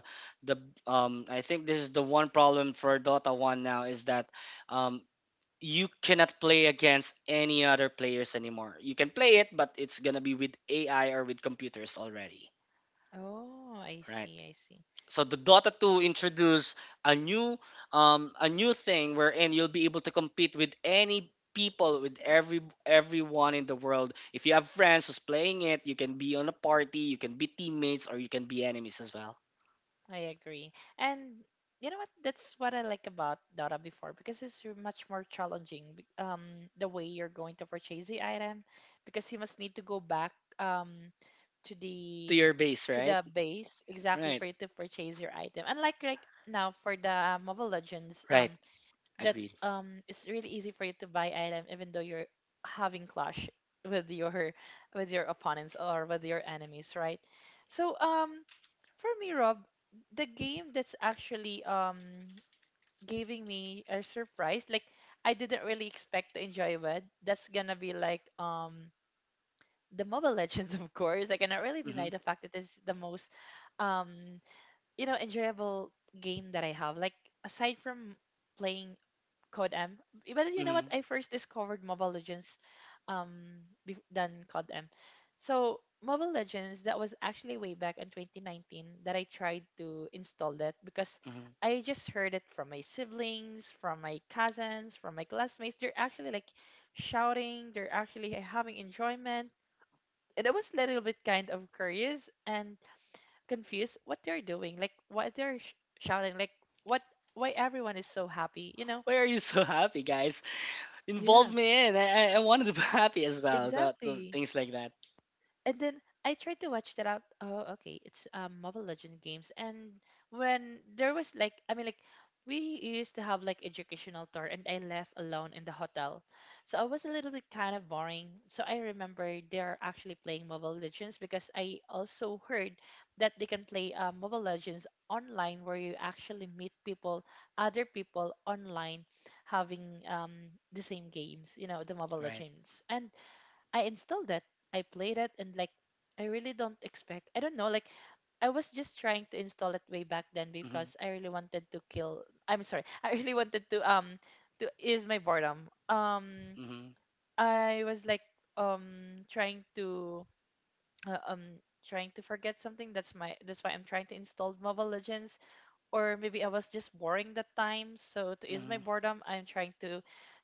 B: the um, I think this is the one problem for Dota one now is that um, you cannot play against any other players anymore. You can play it, but it's gonna be with A I or with computers already,
A: Oh, I
B: right?
A: see, I see.
B: So the Dota two introduced a new um a new thing wherein you'll be able to compete with any people, with every everyone in the world. If you have friends who's playing it, you can be on a party, you can be teammates or you can be enemies as well.
A: I agree. And you know what? That's what I like about Dota before because it's r- much more challenging. Be- Um, the way you're going to purchase the item, because you must need to go back um to
B: To
A: the
B: your base,
A: to
B: right?
A: the base exactly
B: Right.
A: for you to purchase your item. Unlike like now for the uh, Mobile Legends,
B: Right.
A: um, that
B: Agreed.
A: um it's really easy for you to buy item even though you're having clash with your with your opponents or with your enemies, right? So um, for me, Rob, the game that's actually um giving me a surprise, like I didn't really expect to enjoy it, that's gonna be like um the Mobile Legends. of course, I cannot really deny
B: Mhm.
A: the fact that this is the most um you know enjoyable game that I have, like aside from playing C O D M. But you know what?
B: Mhm.
A: I first discovered Mobile Legends um bef- than C O D M. So Mobile Legends, that was actually way back in twenty nineteen that I tried to install that because
B: Mhm.
A: I just heard it from my siblings, from my cousins, from my classmates. They're actually like shouting, they're actually having enjoyment. And I was a little bit kind of curious and confused what they're doing, like what they're sh- shouting, like what why everyone is so happy, you know?
B: Why are you so happy, guys?
A: Yeah.
B: Involve me in. I, I, I wanted to be happy as well. That, those
A: Exactly.
B: things like that.
A: And then I tried to watch that out. Oh, okay. It's um Mobile Legend games. And when there was like, I mean like we used to have like educational tour, and I left alone in the hotel. So I was a little bit kind of boring. So I remember they're actually playing Mobile Legends because I also heard that they can play um, Mobile Legends online where you actually meet people, other people online having um the same games, you know, the Mobile
B: Right.
A: Legends. And I installed it. I played it, and like I really don't expect, I don't know, like I was just trying to install it way back then
B: Mhm.
A: because I really wanted to kill, I'm sorry, I really wanted to um to ease my boredom. Um
B: Mhm.
A: I was like um trying to uh, um trying to forget something. That's my that's why I'm trying to install Mobile Legends, or maybe I was just boring that time. So to ease my
B: Mhm.
A: boredom, I'm trying to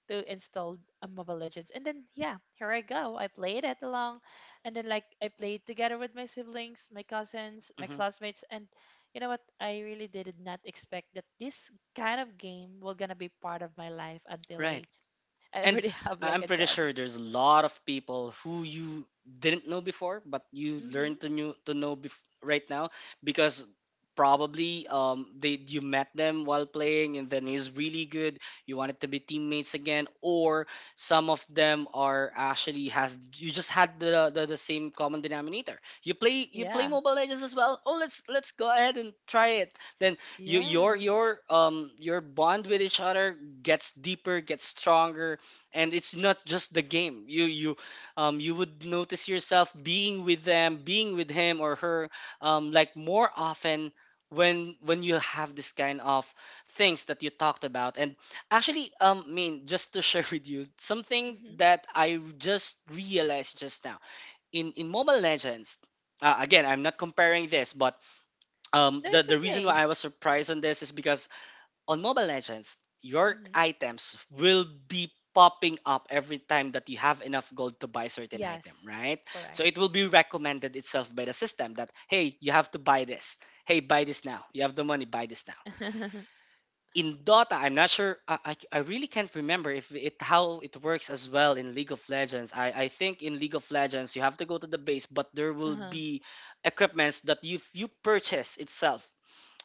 A: to install a Mobile Legends. And then yeah, here I go. I played it along, and then like I played together with my siblings, my cousins, my
B: Mhm.
A: classmates, and you know what? I really did not expect that this kind of game will gonna be part of my life until
B: Right.
A: I I
B: And
A: already have
B: I-
A: like
B: I'm
A: a
B: pretty
A: job.
B: sure there's a lot of people who you didn't know before, but you
A: Mm-hmm.
B: learn to new to know bef- right now, because probably um they you met them while playing and then he's really good. You wanted to be teammates again, or some of them are actually has you just had the the, the same common denominator. You play you play
A: Yeah.
B: Mobile Legends as well. Oh, let's let's go ahead and try it. Then you your
A: Yeah.
B: your um your bond with each other gets deeper, gets stronger, and it's not just the game, you you um you would notice yourself being with them, being with him or her, um like, more often when when you have this kind of things that you talked about. And actually, um I mean, just to share with you something
A: Mm-hmm.
B: that I just realized just now, in in Mobile Legends, uh, again, I'm not comparing this, but um
A: No,
B: the
A: it's
B: the reason why
A: okay.
B: I was surprised on this is because on Mobile Legends, your
A: Mm-hmm.
B: items will be popping up every time that you have enough gold to buy a certain item,
A: Yes.
B: right? So
A: Correct.
B: it will be recommended itself by the system that, hey, you have to buy this. Hey, buy this now. You have the money, buy this now. In Dota, I'm not sure. I, I, I really can't remember if it how it works as well in League of Legends. I, I think in League of Legends you have to go to the base, but there will
A: Uh-huh.
B: be equipments that you you purchase itself,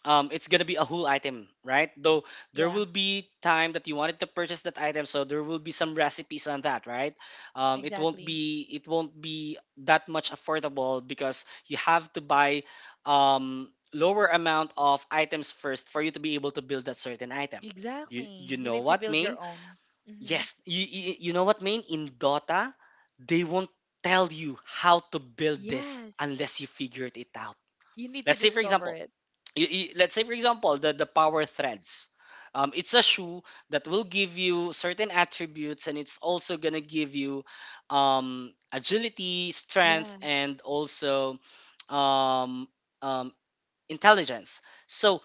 B: um, it's gonna be a whole item, right? Though there
A: Yeah.
B: will be time that you wanted to purchase that item, so there will be some recipes on that, right? Um, it won't
A: Exactly.
B: be it won't be that much affordable because you have to buy um, lower amount of items first for you to be able to build that certain item. You
A: Exactly.
B: you
A: You
B: know
A: need to
B: what,
A: build
B: main?
A: your own. Hmm.
B: Yes, you you, you know what, main? In Dota, they won't tell you how to build this
A: Yes.
B: unless you figured it out.
A: You need to
B: Let's say, for
A: discover
B: example,
A: it.
B: you, you, let's say for example the the power threads, um, it's a shoe that will give you certain attributes, and it's also going to give you um, agility, strength,
A: Yes.
B: and also um, um, intelligence. So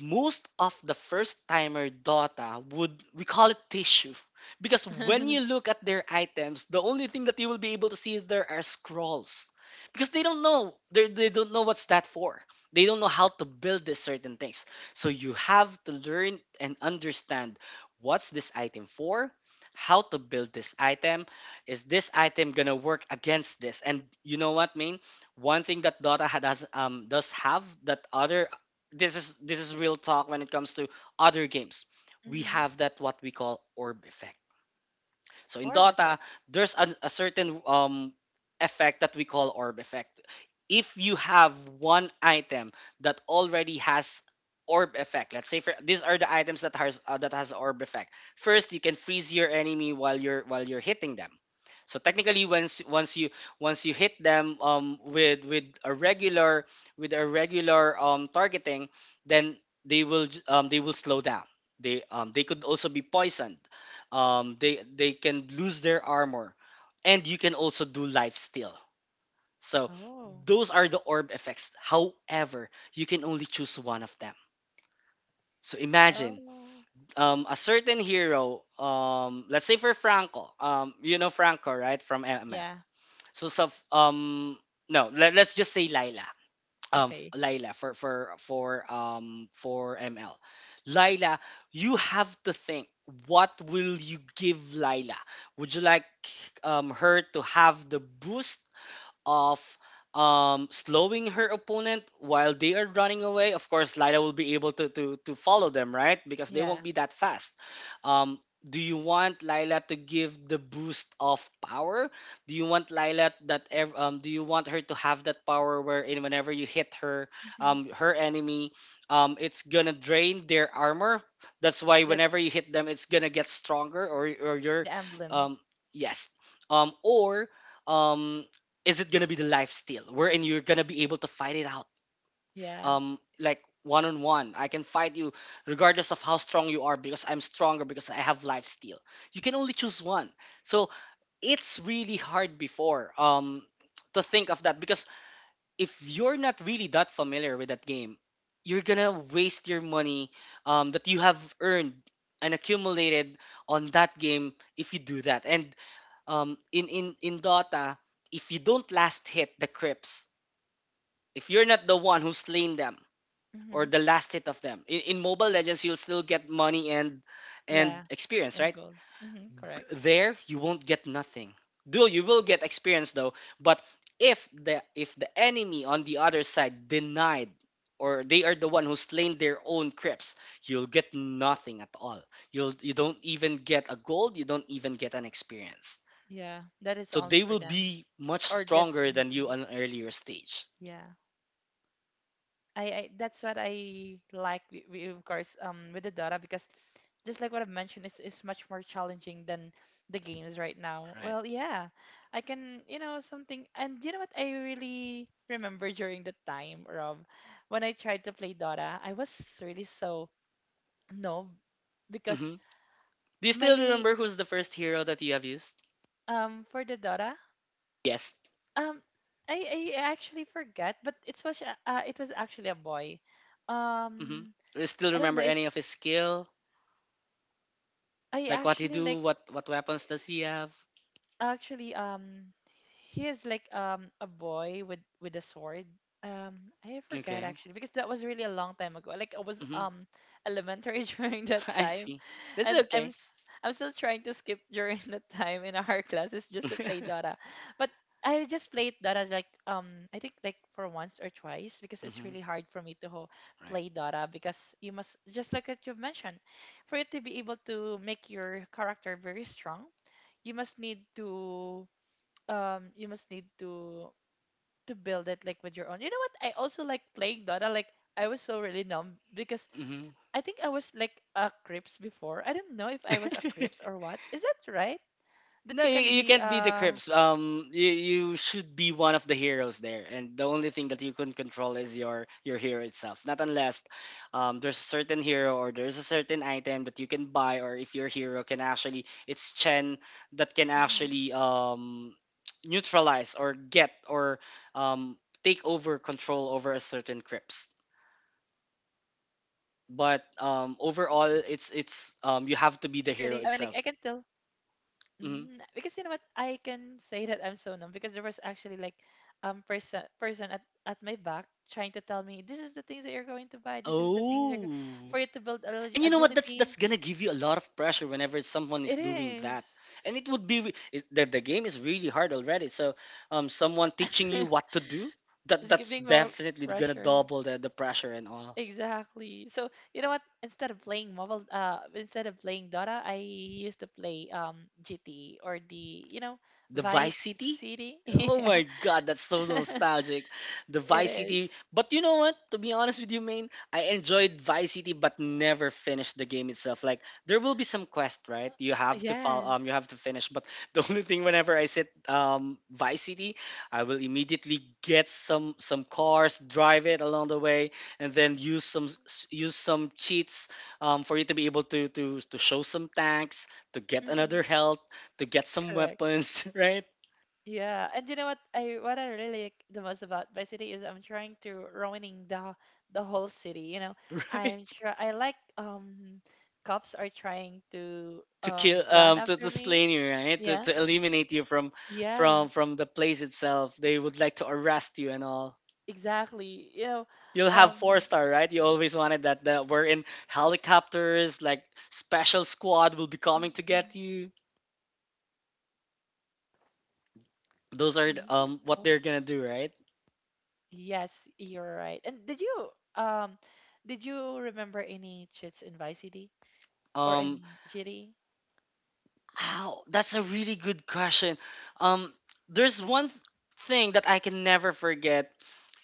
B: most of the first timer Dota would we call it tissue, because when you look at their items, the only thing that you will be able to see there are scrolls, because they don't know they they don't know what's that for. They don't know how to build these certain things. So you have to learn and understand what's this item for, how to build this item. Is this item gonna work against this? And you know what, mean? One thing that Dota ha- does um does have that other. This is this is real talk when it comes to other games. We
A: Hmm.
B: have that what we call orb effect. So in
A: Orb
B: Dota,
A: effect.
B: there's an, a certain um, effect that we call orb effect. If you have one item that already has orb effect, let's say for, these are the items that has uh, that has orb effect. First, you can freeze your enemy while you're while you're hitting them. So technically, once once you once you hit them um, with with a regular with a regular um, targeting, then they will j- um, they will slow down. They um, they could also be poisoned um they they can lose their armor, and you can also do life steal. So
A: Oh.
B: those are the orb effects. However, you can only choose one of them. So imagine
A: Oh.
B: um a certain hero, um let's say for Franco, um you know Franco, right, from ML?
A: Yeah.
B: So so um no, let, let's just say Lila. um f-
A: Okay.
B: Laila, for for for um for M L. Laila, you have to think, what will you give Laila? Would you like um her to have the boost of um, slowing her opponent? While they are running away, of course, Lila will be able to, to, to follow them, right? Because they won't
A: Yeah.
B: be that fast. Um, do you want Lila to give the boost of power? Do you want Lila that ev- um, do you want her to have that power wherein whenever you hit her,
A: Hmm.
B: um, her enemy, um, it's gonna drain their armor? That's why
A: That's
B: whenever you hit them, it's gonna get stronger, or or your,
A: the emblem.
B: um, yes. Um, or um is it gonna be the life steal, wherein you're gonna be able to fight it out
A: Yeah.
B: um like one on one, I can fight you regardless of how strong you are, because I'm stronger, because I have life steal? You can only choose one. So it's really hard before um to think of that, because if you're not really that familiar with that game, you're gonna waste your money um, that you have earned and accumulated on that game if you do that. And um in in in Dota, if you don't last hit the creeps, if you're not the one who slain them
A: Hmm.
B: or the last hit of them, in, in Mobile Legends you'll still get money and and
A: Yeah.
B: experience,
A: And
B: right?
A: gold. Hmm.
B: Th-
A: Correct.
B: There you won't get nothing. Do you will get experience though, but if the if the enemy on the other side denied or they are the one who slain their own creeps, you'll get nothing at all. You'll you don't even get a gold, you don't even get an experience.
A: Yeah. That is
B: So
A: only
B: they
A: for
B: will
A: them.
B: be much
A: Or that's
B: stronger
A: only
B: than
A: for
B: you
A: them.
B: on an earlier stage.
A: Yeah. I, I that's what I like wi- wi- of course um with the Dota, because just like what I've mentioned, it's it's much more challenging than the games right now.
B: Right.
A: Well, yeah. I can, you know, something. And you know what I really remember during the time, Rob, when I tried to play Dota, I was really so no, because
B: Hmm. Do you still
A: my
B: remember who's the first hero that you have used?
A: um for the Dota,
B: Yes.
A: um I, I actually forget, but it was a- uh, it was actually a boy.
B: Hmm.
A: Um
B: Do you still
A: I don't
B: remember
A: know if
B: any of his skill?
A: I
B: Like what he
A: actually
B: do?
A: like.
B: What what weapons does he have?
A: Actually, um, he is like um a boy with with a sword. Um, I forgot
B: Okay.
A: actually because that was really a long time ago. Like I was
B: Hmm.
A: um elementary during that
B: I
A: time,
B: see. That's
A: and I'm
B: okay.
A: s- I'm still trying to skip during that time in our classes just to play Dota. But I just played Dota like um I think like for once or twice, because it's
B: Hmm.
A: really hard for me to ho-
B: Right.
A: play Dota because you must, just like what you've mentioned, for you to be able to make your character very strong you must need to um you must need to to build it like with your own. You know what? I also like playing Dota. Like I was so really numb because
B: Hmm.
A: I think I was like a Crips before. I don't know if I was a Crips or what. Is that right? That
B: No,
A: you
B: you,
A: can
B: you
A: be
B: can't be the
A: uh
B: Crips. Um, you, you should be one of the heroes there, and the only thing that you can control is your your hero itself. Not unless um, there's a certain hero or there's a certain item that you can buy, or if your hero can actually, it's Chen that can
A: mhm.
B: actually um, neutralize or get or um, take over control over a certain Crips.
A: Mm, okay.
B: But
A: Yeah,
B: um,
A: but you know what?
B: overall, it's
A: Um
B: it's um, you
A: something
B: have to be
A: really
B: the
A: I I mean
B: hero
A: like I can
B: itself.
A: tell.
B: Hmm.
A: Mm, because you know what, I can say that I'm so numb because there was actually like um person person at, at my back trying to tell me this is the things that you're going to buy, this is the things you're go-
B: Oh.
A: for you to build
B: And
A: agi-
B: you know what? That's
A: agility.
B: that's gonna give you a lot of pressure whenever someone is
A: It
B: doing that.
A: is.
B: And it would be re- it, the the game is really hard already. So um, someone teaching you what to do, that
A: It's
B: that's
A: giving more
B: definitely gonna
A: pressure.
B: double the, the pressure and all.
A: Exactly. So you know what? Instead of playing mobile, uh, instead of playing Dota, I used to play um G T E, or the you know
B: The Vice
A: Vice
B: City?
A: City.
B: Oh
A: Yeah,
B: my god, that's so nostalgic. The
A: it
B: Vice City.
A: is.
B: But you know what? To be honest with you, main, I enjoyed Vice City but never finished the game itself. Like, there will be some quest, right? You have to follow um you have
A: Yes.
B: to finish. But the only thing, whenever I sit um Vice City, I will immediately get some some cars, drive it along the way, and then use some s- use some cheats um for you to be able to to to show some tanks, to get another
A: Mm-hmm.
B: health, to get some
A: Correct.
B: weapons, right?
A: Yeah, and you know what I what I really like the most about my city is I'm trying to ruining the the whole city. You know,
B: Right?
A: I'm try I like um cops are trying to
B: To
A: um
B: kill,
A: run
B: um to,
A: after
B: to
A: me.
B: slay you, right? To,
A: Yeah,
B: to eliminate you from
A: yeah,
B: from from the place itself. They would like to arrest you and all.
A: exactly. You know,
B: You'll have
A: um,
B: four star, right? You always wanted that, that we're in helicopters, like special squad will be coming to
A: mhm.
B: get you.
A: Do you remember um Inichits on
B: Those
A: Vice
B: are
A: City?
B: um
A: Oh.
B: what they're gonna do, right?
A: Yes, you're right. And did you um did you remember any chits in Vice City? Or
B: Um
A: in G D?
B: Ow, that's a really good question. Um there's one thing that I can never forget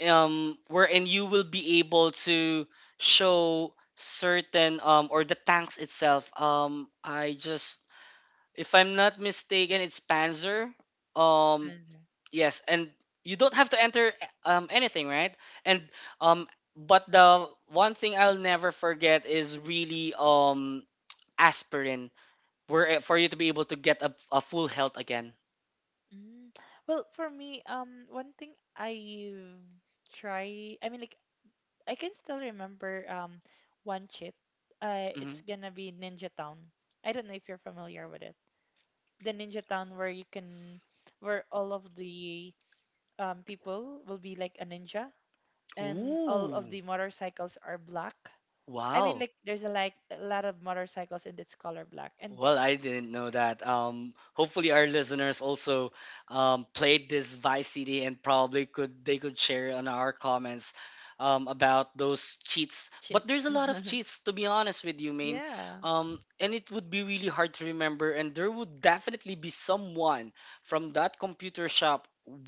B: um wherein you will be able to show certain um or the tanks itself. Um i just if I'm not mistaken, it's Panzer. um
A: Answer.
B: yes, and you don't have to enter um anything, right? And um but the one thing I'll never forget is really, um aspirin, where for you to be able to get a, a full health again.
A: Mm. Well, for me, um, one thing I've tried, I mean, like, I can still remember um one cheat. Uh, it's
B: Hmm.
A: gonna be Ninja Town. I don't know if you're familiar with it. The Ninja Town where you can, where all of the um people will be like a ninja, and all of
B: Ooh,
A: the motorcycles are black. I mean,
B: wow.
A: like, there's a like a lot of motorcycles and it's color black and
B: Well, I didn't know that. Um, hopefully, our listeners also um, played this Vice City and probably could they could share on our comments um, about those cheats. But
A: cheats.
B: there's a lot of cheats, to be honest with you, main.
A: Yeah.
B: Um, and it would be really hard to remember. And there would definitely be someone from that computer shop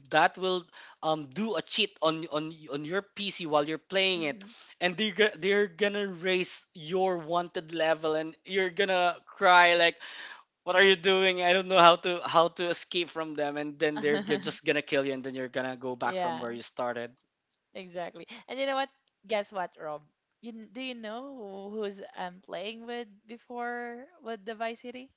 B: that will, um, do a cheat on on on your P C while you're playing it,
A: Hmm.
B: and they're, go- they're gonna raise your wanted level, and you're gonna cry like, what are you doing? I don't know how to how to escape from them, and then they're g- just gonna kill you, and then you're gonna go back from
A: Yeah,
B: where you started.
A: exactly. And you know what? Guess what, Rob? You kn- do you know who- who's I'm playing with before with the Vice City?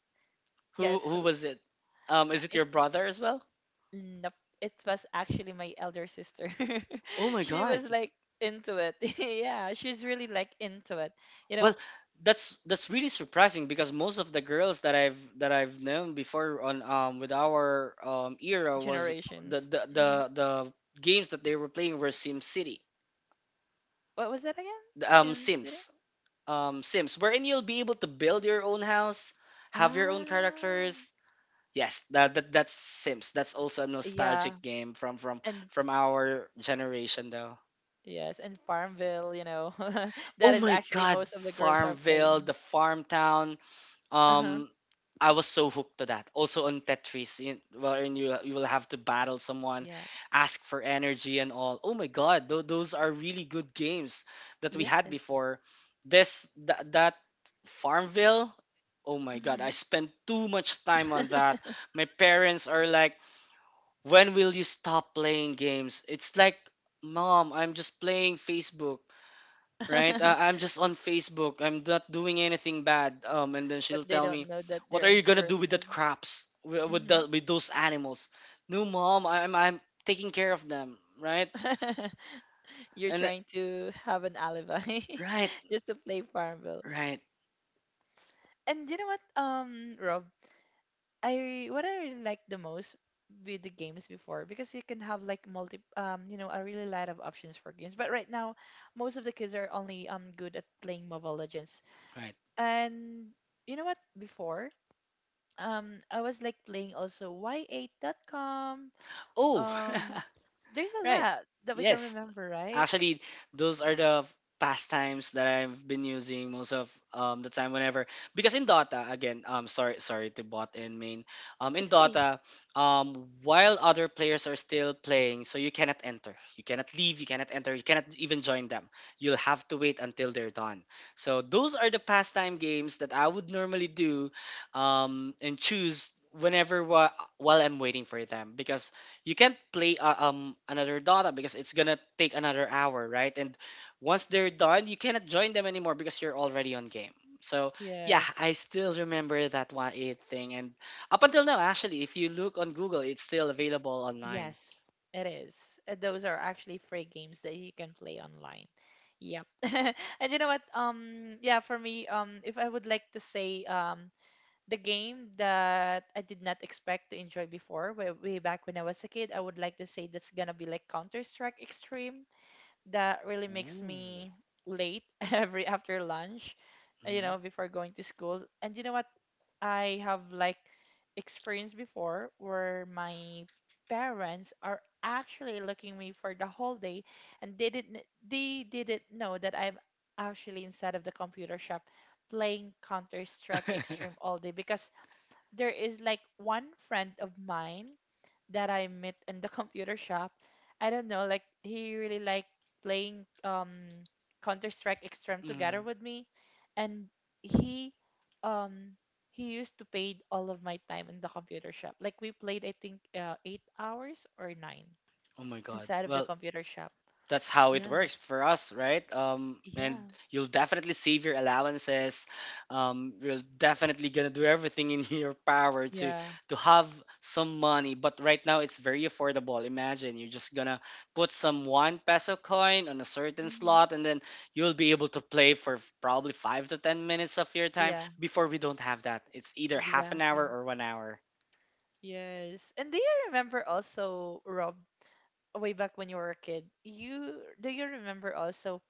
B: who
A: Guess
B: who
A: who?
B: was it? Um
A: Yeah,
B: is it
A: it
B: your brother as well?
A: Nope. It was actually my elder sister.
B: Oh my
A: She
B: God.
A: was like into it. Yeah, she's really like into it. You
B: Well,
A: know,
B: that's that's really surprising, because most of the girls that i've that i've known before, on um with our um era, was the
A: generations.
B: the the,
A: Hmm.
B: the games that they were playing were Sim City.
A: What was that again?
B: um
A: Sim City?
B: sims um, Sims, wherein you'll be able to build your own house, have your own
A: Ah,
B: characters. Yes, that, that that's Sims. That's also a
A: yeah,
B: nostalgic game from from
A: and
B: from our generation, though.
A: yes, and Farmville. You know, that
B: Oh
A: is
B: my
A: actually
B: God,
A: most of the girls are
B: Farmville,
A: playing.
B: the farm town.
A: Uh-huh.
B: um I was so hooked to that. Also on Tetris, you, wherein you you will have to battle someone,
A: Yeah.
B: ask for energy and all. Oh my God, tho- those are really good games that we had
A: Yes.
B: before. This th- that Farmville. Oh my God, I
A: Hmm.
B: spent too much time on that. My parents are like, "When will you stop playing games?" It's like, "Mom, I'm just playing Facebook." Right? Uh, I'm just on Facebook. I'm not doing anything bad. Um, and then
A: But
B: she'll
A: they
B: tell
A: don't
B: me,
A: know that
B: "What
A: they're
B: are
A: in
B: you gonna
A: your
B: do with that
A: family.
B: crops? With with,
A: Hmm.
B: the, with those animals?" No, mom. I'm I'm taking care of them, right?
A: You're
B: And
A: trying to have an alibi
B: right,
A: just to play Farmville.
B: right,
A: And you know what, um, Rob, I what I really like the most with the games before, because you can have like multi, um, you know, a really lot of options for games. But right now, most of the kids are only um good at playing Mobile Legends.
B: right.
A: And you know what, before. um I was like playing also y eight dot com.
B: Oh.
A: Um there's a
B: Right.
A: lot that we can
B: Yes.
A: remember, right?
B: Actually, those are the pastimes that I've been using most of, um, the time, whenever, because in Dota again, um sorry, sorry to bot in, main. Um in
A: It's okay.
B: Dota, um while other players are still playing, so you cannot enter, you cannot leave, you cannot enter you cannot even join them. You'll have to wait until they're done. So those are the pastime games that I would normally do um and choose whenever wa- while I'm waiting for them, because you can't play uh, um another Dota because it's gonna take another hour, right? And once they're done, you cannot join them anymore because you're already on game. So yeah,
A: Yes.
B: I still remember that one eight thing, and up until now, actually, if you look on Google, it's still available online.
A: Yes, it is. And those are actually free games that you can play online. Yep. And you know what? Um yeah, for me, um if I would like to say um the game that I did not expect to enjoy before, way, way back when I was a kid, I would like to say that's gonna be like Counter-Strike Extreme. That really makes
B: Ooh.
A: me late every after lunch, you
B: Mhm.
A: know, before going to school. And you know what? I have like experienced before where my parents are actually looking me for the whole day and they didn't they didn't know that I'm actually inside of the computer shop playing Counter Strike Extreme all day, because there is like one friend of mine that I met in the computer shop. I don't know, like he really like playing um Counter Strike Extreme together
B: Mhm.
A: with me, and he um he used to paid all of my time in the computer shop. Like we played, I think uh, eight hours or nine
B: Oh my God.
A: inside of the
B: Well,
A: computer shop.
B: that's how it
A: Yeah,
B: works for us, right? Um, and
A: yeah,
B: you'll definitely save your allowances. Um, you're definitely gonna do everything in your power to
A: yeah.
B: to have some money. But right now, it's very affordable. Imagine you're just gonna put some one peso coin on a certain
A: Mhm.
B: slot, and then you'll be able to play for f- probably five to ten minutes of your time.
A: Yeah,
B: Before, we don't have that. It's either half an
A: exactly.
B: hour or one hour.
A: Yes. And do you remember also Rob way back when you were a kid, you do you remember also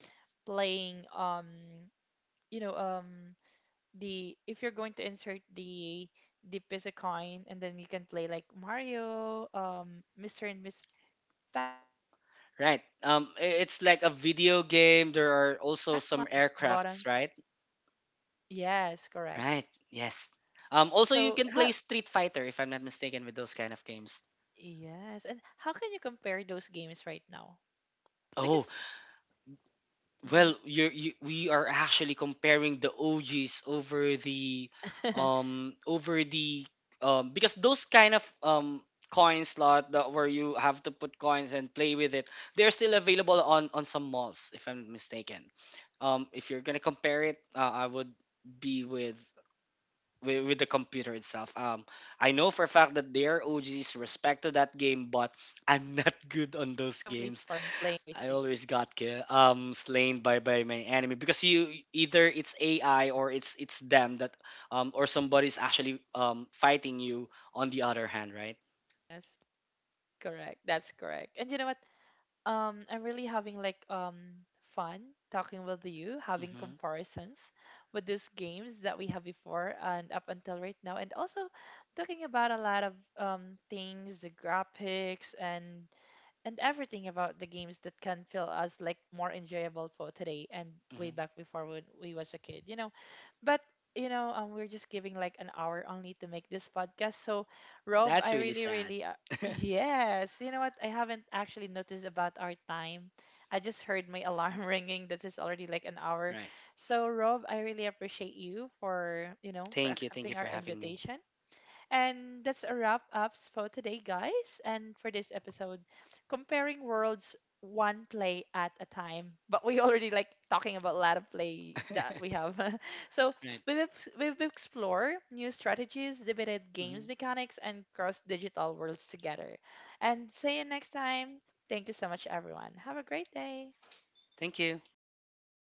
A: playing um you know um the if you're going to insert the the piece of coin and then you can play like Mario, um Mister and Miss Pac-Man. I don't know if you are
B: Right.
A: all
B: Um,
A: also
B: i-
A: you
B: it's
A: know
B: like a
A: there's like a
B: video
A: joystick
B: game.
A: and
B: There
A: there's
B: are
A: like
B: also some aircrafts,
A: buttons.
B: right?
A: Yes, correct.
B: Right. Yes. Um,
A: S-
B: also, you
A: So
B: can play
A: how
B: Street Fighter, if I'm not mistaken, with those kind of games.
A: Yes, and how can you compare those games right now?
B: Oh,
A: Because Mhm.
B: well, you're, you we are actually comparing the O Gs over the, um over the, um because those kind of um coin slot, that where you have to put coins and play with it, they're still available on on some malls if I'm not mistaken. Um, if you're gonna compare it, uh, I would be with with, with the computer itself. Um, I know for a
A: Mhm.
B: fact that
A: You
B: they
A: know
B: are
A: what?
B: O Gs,
A: Um, that
B: respect to
A: was
B: that
A: actually
B: game,
A: fun
B: but
A: before
B: I'm
A: um
B: not
A: playing
B: good
A: with
B: on
A: those
B: those games.
A: joysticks.
B: I always got ki- um slain by by my enemy, because you either it's A I or it's it's them that, um or somebody's
A: Mm-hmm.
B: actually um fighting you on the other hand, right?
A: Yes, correct. That's correct. And you know what? Um, I'm really having like um fun talking with you, having
B: Mm-hmm,
A: comparisons with these games that we have before and up until right now, and also talking about a lot of um things, the graphics and and everything about the games that can feel us like more enjoyable for today and way
B: mm-hmm.
A: back before when we was a kid, you know. But you know um, we're just giving like an hour only to make this podcast, so Rob
B: That's
A: I
B: really
A: really
B: sad,
A: really uh, yes you know what I haven't actually noticed about our time. I just heard my alarm ringing that is already like an hour.
B: right?
A: So Rob I really appreciate you for you know for
B: Thank you, thank you
A: accepting
B: for
A: our
B: having me.
A: invitation. And that's a wrap ups for today, guys. And for this episode, comparing worlds one play at a time. But we already like talking about a lot of play that we have. So
B: right,
A: we've we've explored new strategies, debated
B: mm-hmm.
A: games mechanics, and cross digital worlds together. And see you next time. Thank you so much, everyone. Have a great day.
B: Thank you.